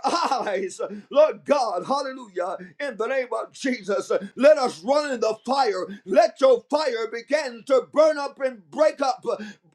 S5: eyes. Lord God, hallelujah, in the name of Jesus, let us run in the fire. Let your fire begin to burn up and break up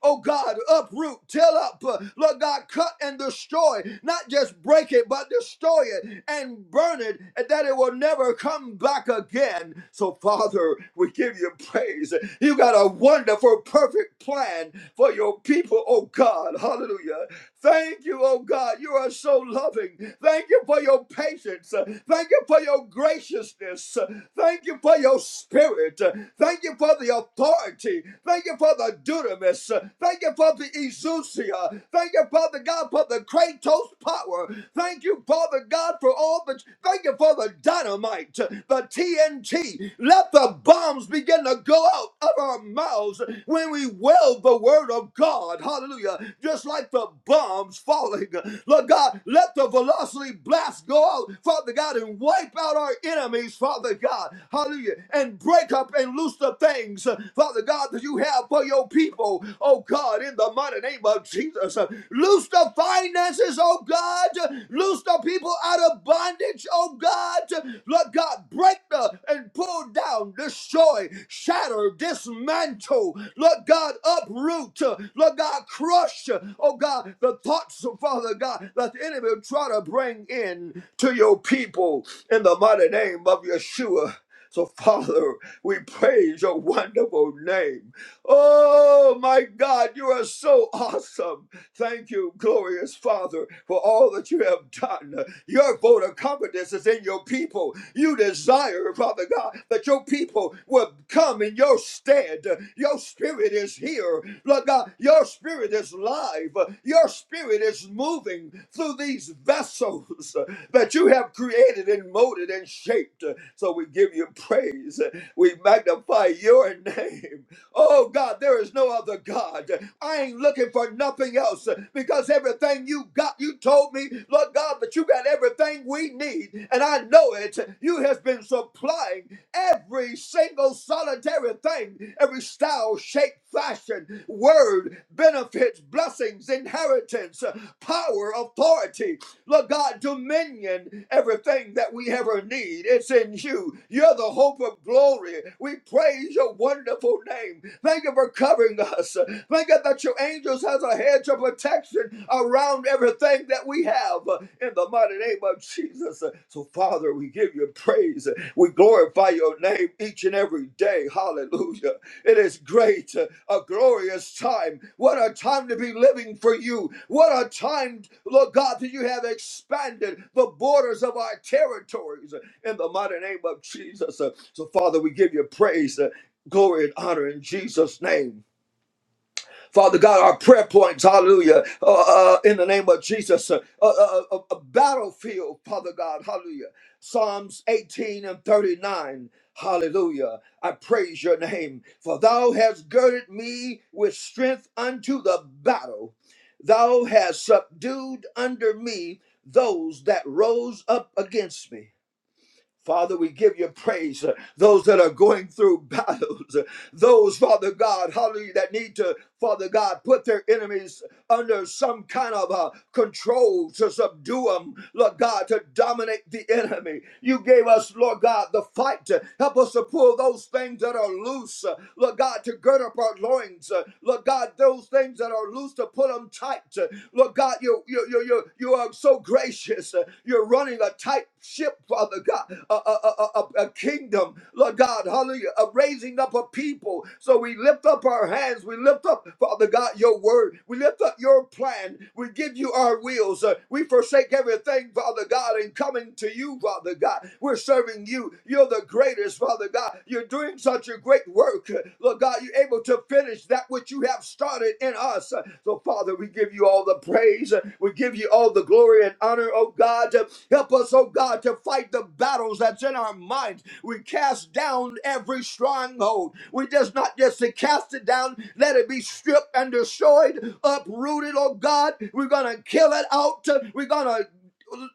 S5: oh God, uproot, till up, uh, Lord God, cut and destroy, not just break it, but destroy it and burn it, and that it will never come back again. So, Father, we give you praise. You got a wonderful, perfect plan for your people, oh God, hallelujah. Thank you, oh God. You are so loving. Thank you for your patience. Uh, Thank you for your graciousness. Uh, Thank you for your spirit. Uh, Thank you for the authority. Thank you for the dunamis. Uh, Thank you for the exousia. Thank you, Father God, for the kratos power. Thank you, Father God, for all the. Thank you for the dynamite, uh, the TNT. Let the bombs Tongues begin to go out of our mouths when we weld the word of God. Hallelujah. Just like the bombs falling. Lord God, let the velocity blast go out, Father God, and wipe out our enemies, Father God. Hallelujah. And break up and loose the things, Father God, that you have for your people. Oh God, in the mighty name of Jesus. Loose the finances, oh God. Loose the people out of bondage, oh God. Lord God, break the and pull down, destroy, shatter, dismantle. Lord God, uproot. Lord God, crush, oh God, the thoughts, Father God, that the enemy will try to bring in to your people in the mighty name of Yeshua. So, Father, we praise your wonderful name. Oh my God, you are so awesome. Thank you, glorious Father, for all that you have done. Your vote of confidence is in your people. You desire, Father God, that your people will come in your stead. Your spirit is here. Lord God, your spirit is live. Your spirit is moving through these vessels that you have created and molded and shaped. So we give you praise. We magnify your <laughs> name. Oh God, there is no other God. I ain't looking for nothing else because everything you got, you told me, Lord God, that you got everything we need. And I know it. You have been supplying every single solitary thing, every style, shape, fashion, word, benefits, blessings, inheritance, power, authority. Lord God, dominion, everything that we ever need, it's in you. You're the hope of glory. We praise your wonderful name. Thank you for covering us. Thank you that your angels has a hedge of protection around everything that we have in the mighty name of Jesus. So, Father, we give you praise. We glorify your name each and every day. Hallelujah. It is great, uh, a glorious time. What a time to be living for you. What a time, Lord God, that you have expanded the borders of our territories uh, in the mighty name of Jesus. Uh, So, Father, we give you praise, uh, glory, and honor in Jesus' name. Father God, our prayer points, hallelujah, uh, uh, in the name of Jesus, uh, uh, uh, uh, a battlefield, Father God, hallelujah. Psalms 18 and 39, hallelujah. I praise your name, for thou hast girded me with strength unto the battle. Thou hast subdued under me those that rose up against me. Father, we give you praise. uh, Those that are going through <laughs> battles, uh, those, Father God, hallelujah, that need to, Father God, put their enemies under some kind of uh, control to subdue them, Lord God, to dominate the enemy. You gave us, Lord God, the fight to help us to pull those things that are loose, uh, Lord God, to gird up our loins, uh, Lord God, those things that are loose to put them tight. uh, Lord God, you, you, you, you, you are so gracious. uh, You're running a tight ship, Father God, a, a, a, a, a kingdom, Lord God, hallelujah, a raising up a people. So we lift up our hands, we lift up, Father God, your word, we lift up your plan, we give you our wills, Uh, we forsake everything, Father God, and coming to you, Father God. We're serving you, you're the greatest, Father God. You're doing such a great work, Uh, Lord God, you're able able to finish that which you have started in us. So, Father, we give you all the praise. We give you all the glory and honor, oh God. Help us, oh God, to fight the battles that's in our minds. We cast down every stronghold. We just not just to cast it down, let it be stripped and destroyed, uprooted, oh God. We're going to kill it out. We're going to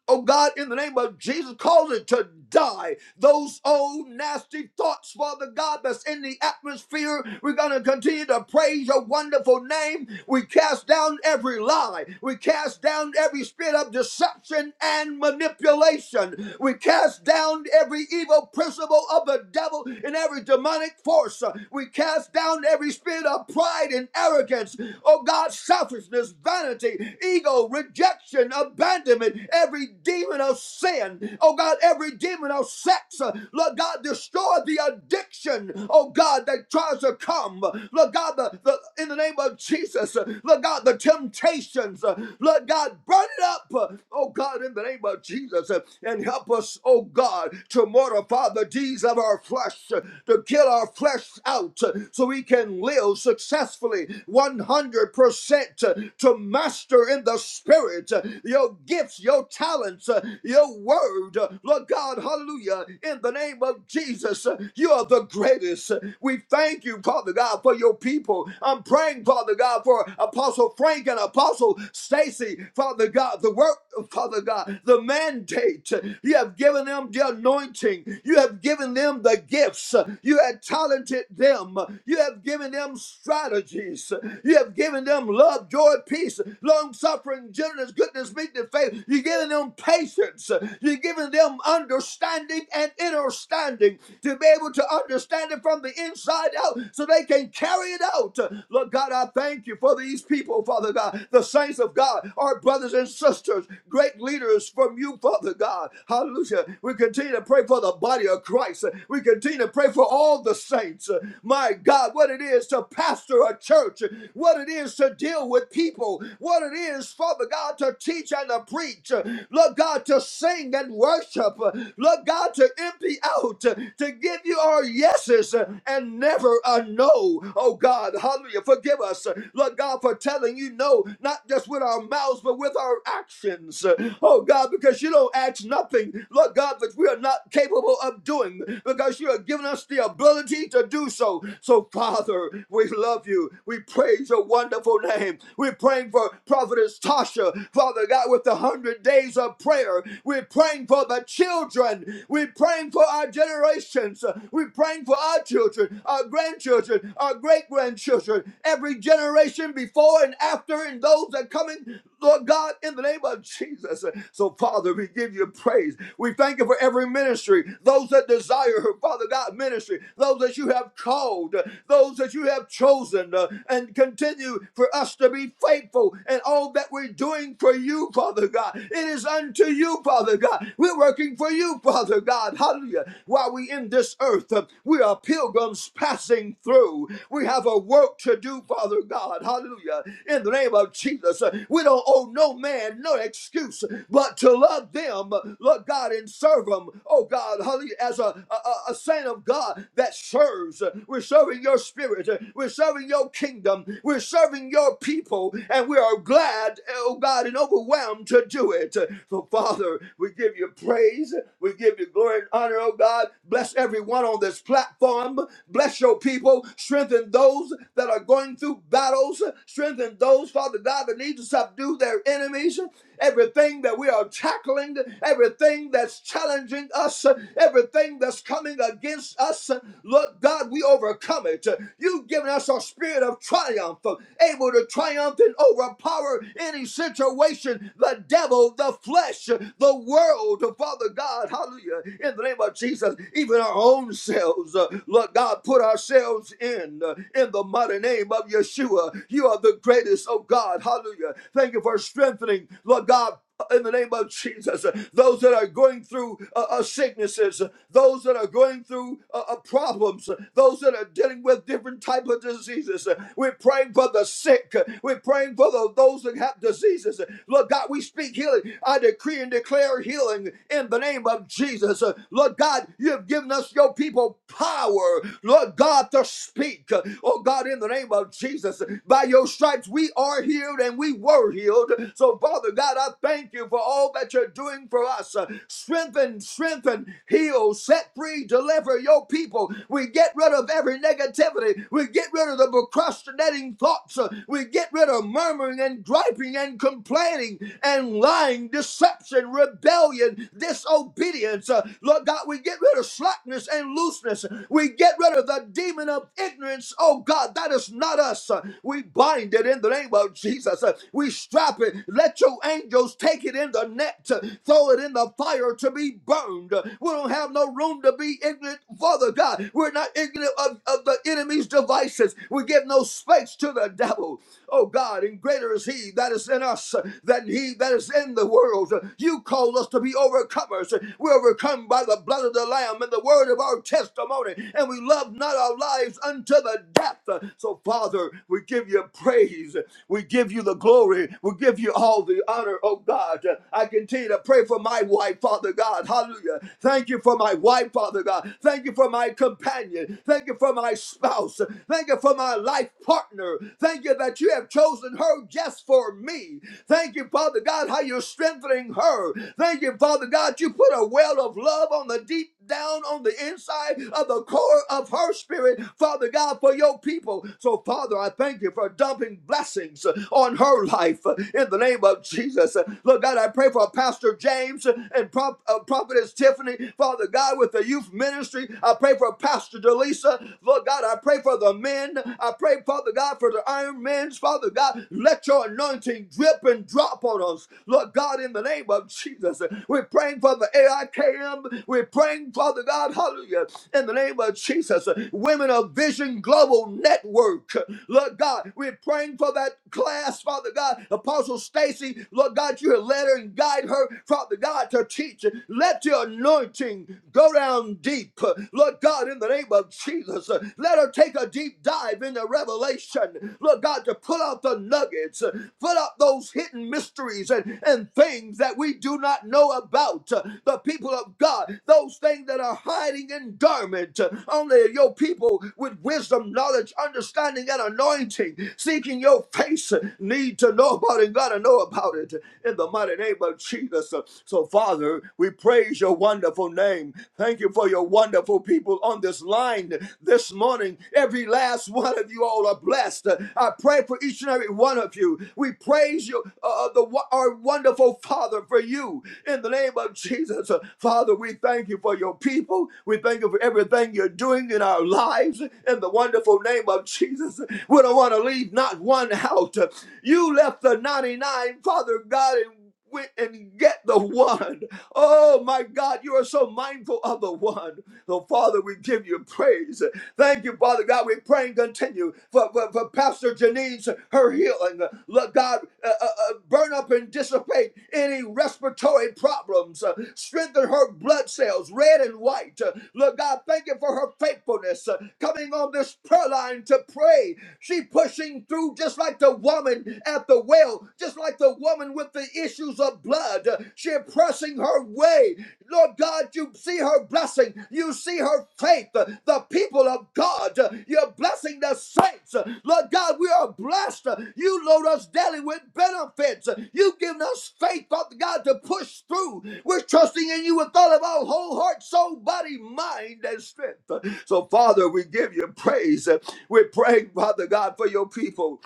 S5: oh God, in the name of Jesus, cause it to die. Those old nasty thoughts, Father God, that's in the atmosphere. We're going to continue to praise your wonderful name. We cast down every lie. We cast down every spirit of deception and manipulation. We cast down every evil principle of the devil and every demonic force. We cast down every spirit of pride and arrogance. Oh God, selfishness, vanity, ego, rejection, sin, abandonment, every demon of sin, oh God, every demon of sex, uh, Lord God, destroy the addiction, oh God, that tries to come, Lord God, the, the in the name of Jesus, uh, Lord God, the temptations, uh, Lord God, burn it up, uh, oh God, in the name of Jesus, uh, and help us, oh God, to mortify the deeds of our flesh, uh, to kill our flesh out, uh, so we can live successfully 100% to master in the your spirit, uh, your gifts, your talents, uh, your word. Uh, Lord God, hallelujah. In the name of Jesus, uh, you are the greatest. We thank you, Father God, for your people. I'm praying, Father God, for Apostle Frank and Apostle Stacy, Father God, the work, Father God, the mandate. You have given them the anointing. You have given them the gifts. You have talented them. You have given them strategies. You have given them love, joy, peace peace, long suffering, gentleness, goodness, meekness, faith. You're giving them patience. You're giving them understanding and inner standing to be able to understand it from the inside out so they can carry it out. Lord God, I thank you for these people, Father God, the saints of God, our brothers and sisters, great leaders from you, Father God. Hallelujah. We continue to pray for the body of Christ. We continue to pray for all the saints. My God, what it is to pastor a church, what it is to to deal with people, what it is, Father God, to teach and to preach, uh, Lord God, to sing and worship, uh, Lord God, to empty out, uh, to give you our yeses uh, and never a no. Oh God, hallelujah, forgive us, uh, Lord God, for telling you no, not just with our mouths, but with our actions. Uh, Oh God, because you don't ask nothing, Lord God, that we are not capable of doing, because you have given us the ability to do so. So, Father, we love you. We praise your wonderful name. We're praying for Prophetess Tasha, Father God, with the hundred days of prayer. We're praying for the children. We're praying for our generations. We're praying for our children, our grandchildren, our great grandchildren, every generation before and after, and those that are coming, Lord God, in the name of Jesus. So, Father, we give you praise. We thank you for every ministry, those that desire, Father God, ministry, those that you have called, those that you have have chosen uh, and continue for us to be faithful in all that we're doing for you, Father God. It is unto you, Father God. We're working for you, Father God. Hallelujah. While we in this earth, uh, we are pilgrims passing through. We have a work to do, Father God. Hallelujah. In the name of Jesus, uh, we don't owe no man no excuse but to love them, uh, Lord God, and serve them. Oh God, hallelujah, as a, a, a saint of God that serves. Uh, We're serving serving your spirit. uh, We're serving your kingdom. We're serving your people. And we are glad, oh God, and overwhelmed to do it. So, Father, we give you praise. We give you glory and honor, oh God. Bless everyone on this platform. Bless your people. Strengthen those that are going through battles. Strengthen those, Father God, that need to subdue their enemies everything that we are tackling, everything that's challenging us, everything that's coming against us. Lord God, we overcome it. You've given us a spirit of triumph, able to triumph and overpower any situation, the devil, the flesh, the world, Father God, hallelujah, in the name of Jesus, even our own selves. uh, Lord God, put ourselves in, uh, in the mighty name of Yeshua. You are the greatest, oh God, hallelujah. Thank you for strengthening healing, Lord God, in the name of Jesus, those that are going through uh, uh, sicknesses, those that are going through uh, uh, problems, those that are dealing with different type of diseases. We're praying for the sick. We're praying for the, those that have diseases. Lord God, we speak healing. I decree and declare healing in the name of Jesus. Lord God, you have given us your people power, Lord God, to speak. Oh God, in the name of Jesus, by your stripes we are healed and we were healed. So. So, Father God, I thank you for all that you're doing for us. Uh, Strengthen, strengthen, heal, set free, deliver your people. We get rid of every negativity. We get rid of the procrastinating thoughts. Uh, We get rid of murmuring and griping and complaining and lying, deception, rebellion, disobedience. Uh, Lord God, we get rid of slackness and looseness. We get rid of the demon of ignorance. Oh God, that is not us. Uh, We bind it in the name of Jesus. Uh, We strap happen, let your angels take it in the net, throw it in the fire to be burned. We don't have no room to be ignorant, Father God. We're not ignorant of, of the enemy's devices. We give no space to the devil. Oh God, and greater is he that is in us than he that is in the world. You call us to be overcomers. We are overcome by the blood of the Lamb and the word of our testimony, and we love not our lives unto the death. So, Father, we give you praise. We give you the glory. We give you all the honor, oh God. I continue to pray for my wife, Father God. Hallelujah. Thank you for my wife, Father God. Thank you for my companion. Thank you for my spouse. Thank you for my life partner. Thank you that you have chosen her just for me. Thank you, Father God, how you're strengthening her. Thank you, Father God, you put a well of love on the deep down on the inside of the core of her spirit, Father God, for your people. So, Father, I thank you for dumping blessings uh, on her life uh, in the name of Jesus. Uh, Lord God, I pray for Pastor James uh, and Prop- uh, Prophetess Tiffany, Father God, with the youth ministry. I pray for Pastor Delisa. Lord God, I pray for the men. I pray, Father God, for the iron men's. Father God, let your anointing drip and drop on us. Lord God, in the name the name of Jesus. We're praying for the AIKM. We're praying, Father God, hallelujah, in the name of Jesus. Women of Vision Global Network. Lord God, we're praying for that class, Father God. Apostle Stacy, Lord God, you have led her and guide her, Father God, to teach. Let your anointing go down deep, Lord God, in the name of Jesus. Let her take a deep dive into revelation, Lord God, to pull out the out the nuggets, uh, put out those hidden mysteries and, and things that we do not know about. uh, The people of God, those things that are hiding in dormant. uh, Only your people with wisdom, knowledge, understanding, and anointing, seeking your face, uh, need to know about it, gotta know about it in the mighty name of Jesus. So, Father, we praise your wonderful name. Thank you for your wonderful people on this line this morning morning. Every last one of you all are blessed. Uh, I pray for each and every one of you. We praise you, uh, uh, the our wonderful Father, for you in the name of Jesus. Uh, Father, we thank you for your people. We thank you for everything you're doing in our lives in the wonderful name of Jesus. We don't want to leave not one out. You left the 99, Father God, and went and get the one. Oh my God, you are so mindful of the one. So, Father, we give you praise. Thank you, Father God. We pray and continue for, for, for Pastor Janine's her healing. Let God uh, uh, uh, burn up and dissipate any respiratory problems. Uh, strengthen her blood cells, red and white. Uh, Lord God, thank you for her faithfulness uh, coming on this prayer line to pray. She pushing through just like the woman at the well well, just like the woman with the issues of blood. She's pressing her way. Lord God, you see her blessing. You see her faith. The people of God, you're blessing the saints. Lord God, we are blessed. You load us daily with benefits. You've given us faith, Father God, to push through. We're trusting in you with all of our whole heart, soul, body, mind, and strength. So, Father, we give you praise. We're praying, Father God, for your people.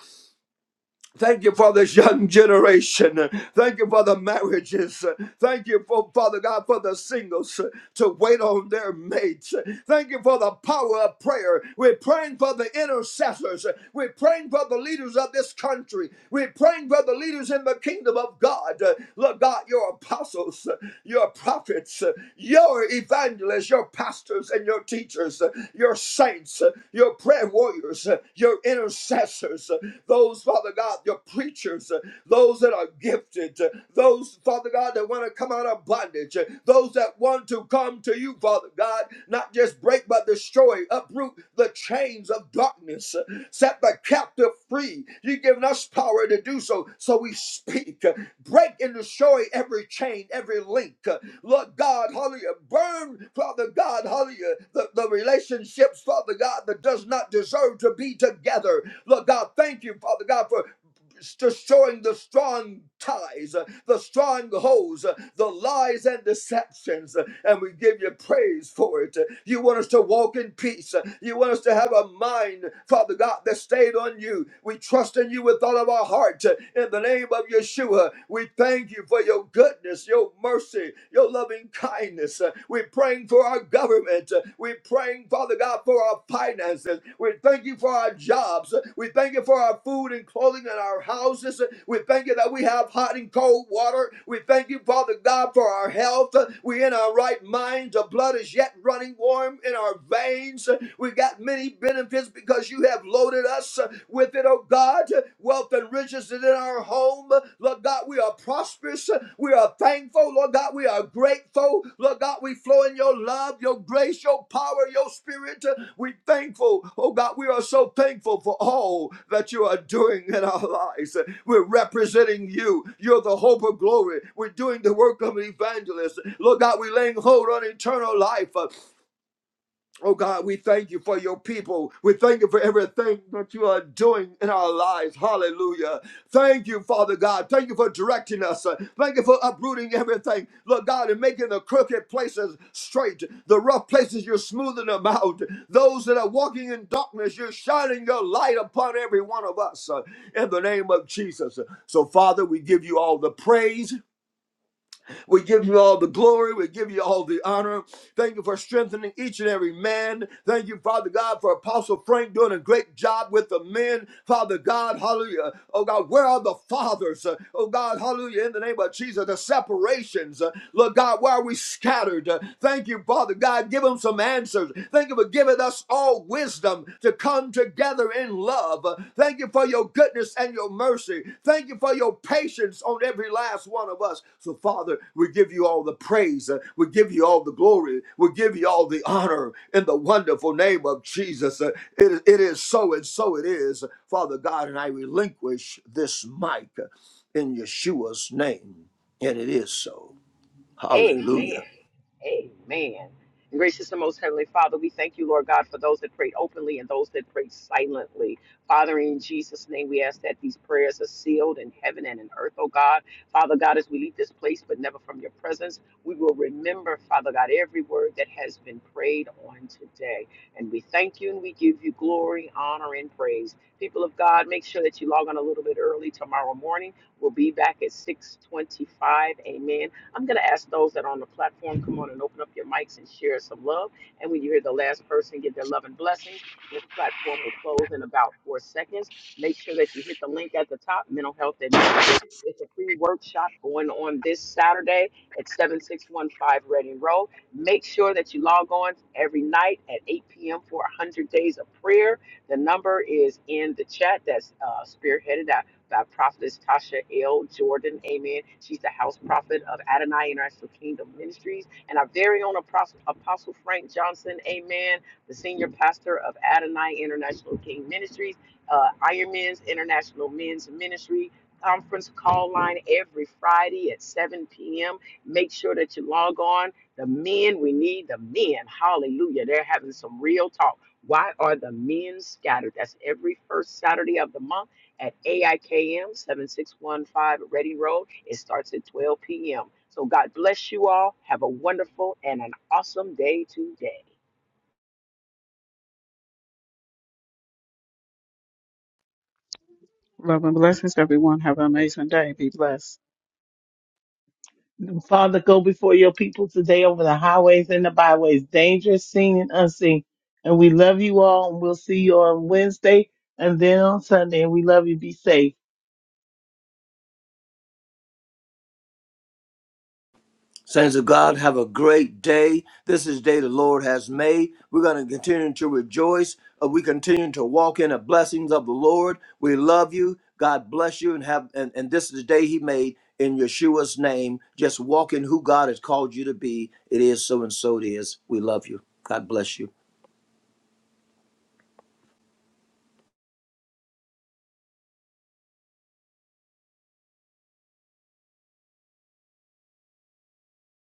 S5: Thank you for this young generation. Thank you for the marriages. Thank you for Father God for the singles uh, to wait on their mates. Thank you for the power of prayer. We're praying for the intercessors. We're praying for the leaders of this country. We're praying for the leaders in the kingdom of God. Uh, Lord God, your apostles, uh, your prophets, uh, your evangelists, your pastors, and and your teachers, uh, your saints, uh, your prayer warriors, uh, your intercessors, uh, those, Father God, your preachers, uh, those that are gifted, uh, those, Father God, that want to come out of bondage, uh, those that want to come to you, Father God, not just break but destroy, uproot the chains of darkness, uh, set the captive free. You've given us power to do so, so we speak. uh, Break and destroy every chain, every link. uh, Lord God, hallelujah. Burn, Father God, hallelujah, the, the relationships, Father God, that does not deserve to be together. Lord God, thank you, Father God, for destroying the strong ties. uh, the strongholds, uh, the lies and deceptions, uh, and we give you praise for it. Uh, You want us to walk in peace. Uh, You want us to have a mind, Father God, that stayed on you. We trust in you with all of our heart. Uh, In the name of Yeshua, we thank you for your goodness, your mercy, your loving kindness. Uh, We're praying for our government. Uh, We're praying for Father God, for our finances. We thank you for our jobs. We thank you for our food and clothing and our houses. We thank you that we have hot and cold water. We thank you, Father God, for our health. We're in our right minds. The blood is yet running warm in our veins. We got many benefits because you have loaded us with it, oh God. Wealth and riches is in our homes home. Lord God, we are prosperous. We are thankful. Lord God, we are grateful. Lord God, we flow in your love, your grace, your power, your spirit. We thankful. Oh God, we are so thankful for all that you are doing in our lives. We're representing you. You're the hope of glory. We're doing the work of an evangelist. Lord God, we laying hold on eternal life. Oh God, we thank you for your people. We thank you for everything that you are doing in our lives. Hallelujah. Thank you, Father God. Thank you for directing us. Thank you for uprooting everything. Lord God, and making the crooked places straight. The rough places, you're smoothing them out. Those that are walking in darkness, you're shining your light upon every one of us uh, in the name of Jesus. So, Father, we give you all the praise. We give you all the glory. We give you all the honor. Thank you for strengthening each and every man. Thank you, Father God, for Apostle Frank doing a great job with the men. Father God, hallelujah. Oh God, where are the fathers? Uh, Oh God, hallelujah. In the name of Jesus, the separations. Uh, Lord God, where are we scattered? Uh, Thank you, Father God. Give them some answers. Thank you for giving us all all wisdom to come together in love. Thank you for your goodness and your mercy. Thank you for your patience on every last one of us. So, Father, we give you all the praise. Uh, We give you all the glory. We give you all the honor in the wonderful name of Jesus. Uh, It, it is so and so it is. Father God, and I relinquish this mic in Yeshua's name. And it is so.
S1: Amen.
S5: Hallelujah.
S1: Amen. Gracious and most heavenly Father, we thank you, Lord God, for those that prayed openly and those that prayed silently. Father, in Jesus' name, we ask that these prayers are sealed in heaven and in earth, oh God. Father God, as we leave this place, but never from your presence, we will remember, Father God, every word that has been prayed on today. And we thank you and we give you glory, honor, and praise. People of God, make sure that you log on a little bit early tomorrow morning. We'll be back at 625. Amen I'm going to ask those that are on the platform, come on and open up your mics and share some love. And when you hear the last person give their love and blessings, this platform will close in about four seconds. Make sure that you hit the link at the top, Mental Health and Ministry. It's a free workshop going on this Saturday at 7615 Reading Road. Make sure that you log on every night at 8 p.m. for 100 days of prayer. The number is in the chat that's uh, spearheaded by prophetess Tasha L. Jordan. Amen. She's the house prophet of Adonai International Kingdom Ministries and our very own apostle, apostle Frank Johnson. Amen. The senior pastor of Adonai International King Ministries, uh, Iron Men's International Men's Ministry. Conference call line every Friday at 7 p.m. Make sure that you log on. The men, we need the men. Hallelujah. They're having some real talk. Why are the men scattered? That's every first Saturday of the month at AIKM 7615 Ready Road. It starts at 12 p.m. So God bless you all. Have a wonderful and an awesome day today.
S4: Father, go before your people today over the highways and the byways, dangerous, seen and unseen. And we love you all, and we'll see you on Wednesday and then on Sunday. And we love you. Be safe.
S5: Saints of God, have a great day. This is the day the Lord has made. We're going to continue to rejoice. Uh, we continue to walk in the blessings of the Lord. We love you. God bless you and have and, and this is the day he made in Yeshua's name. Just walk in who God has called you to be. It is so and so it is. We love you. God bless you.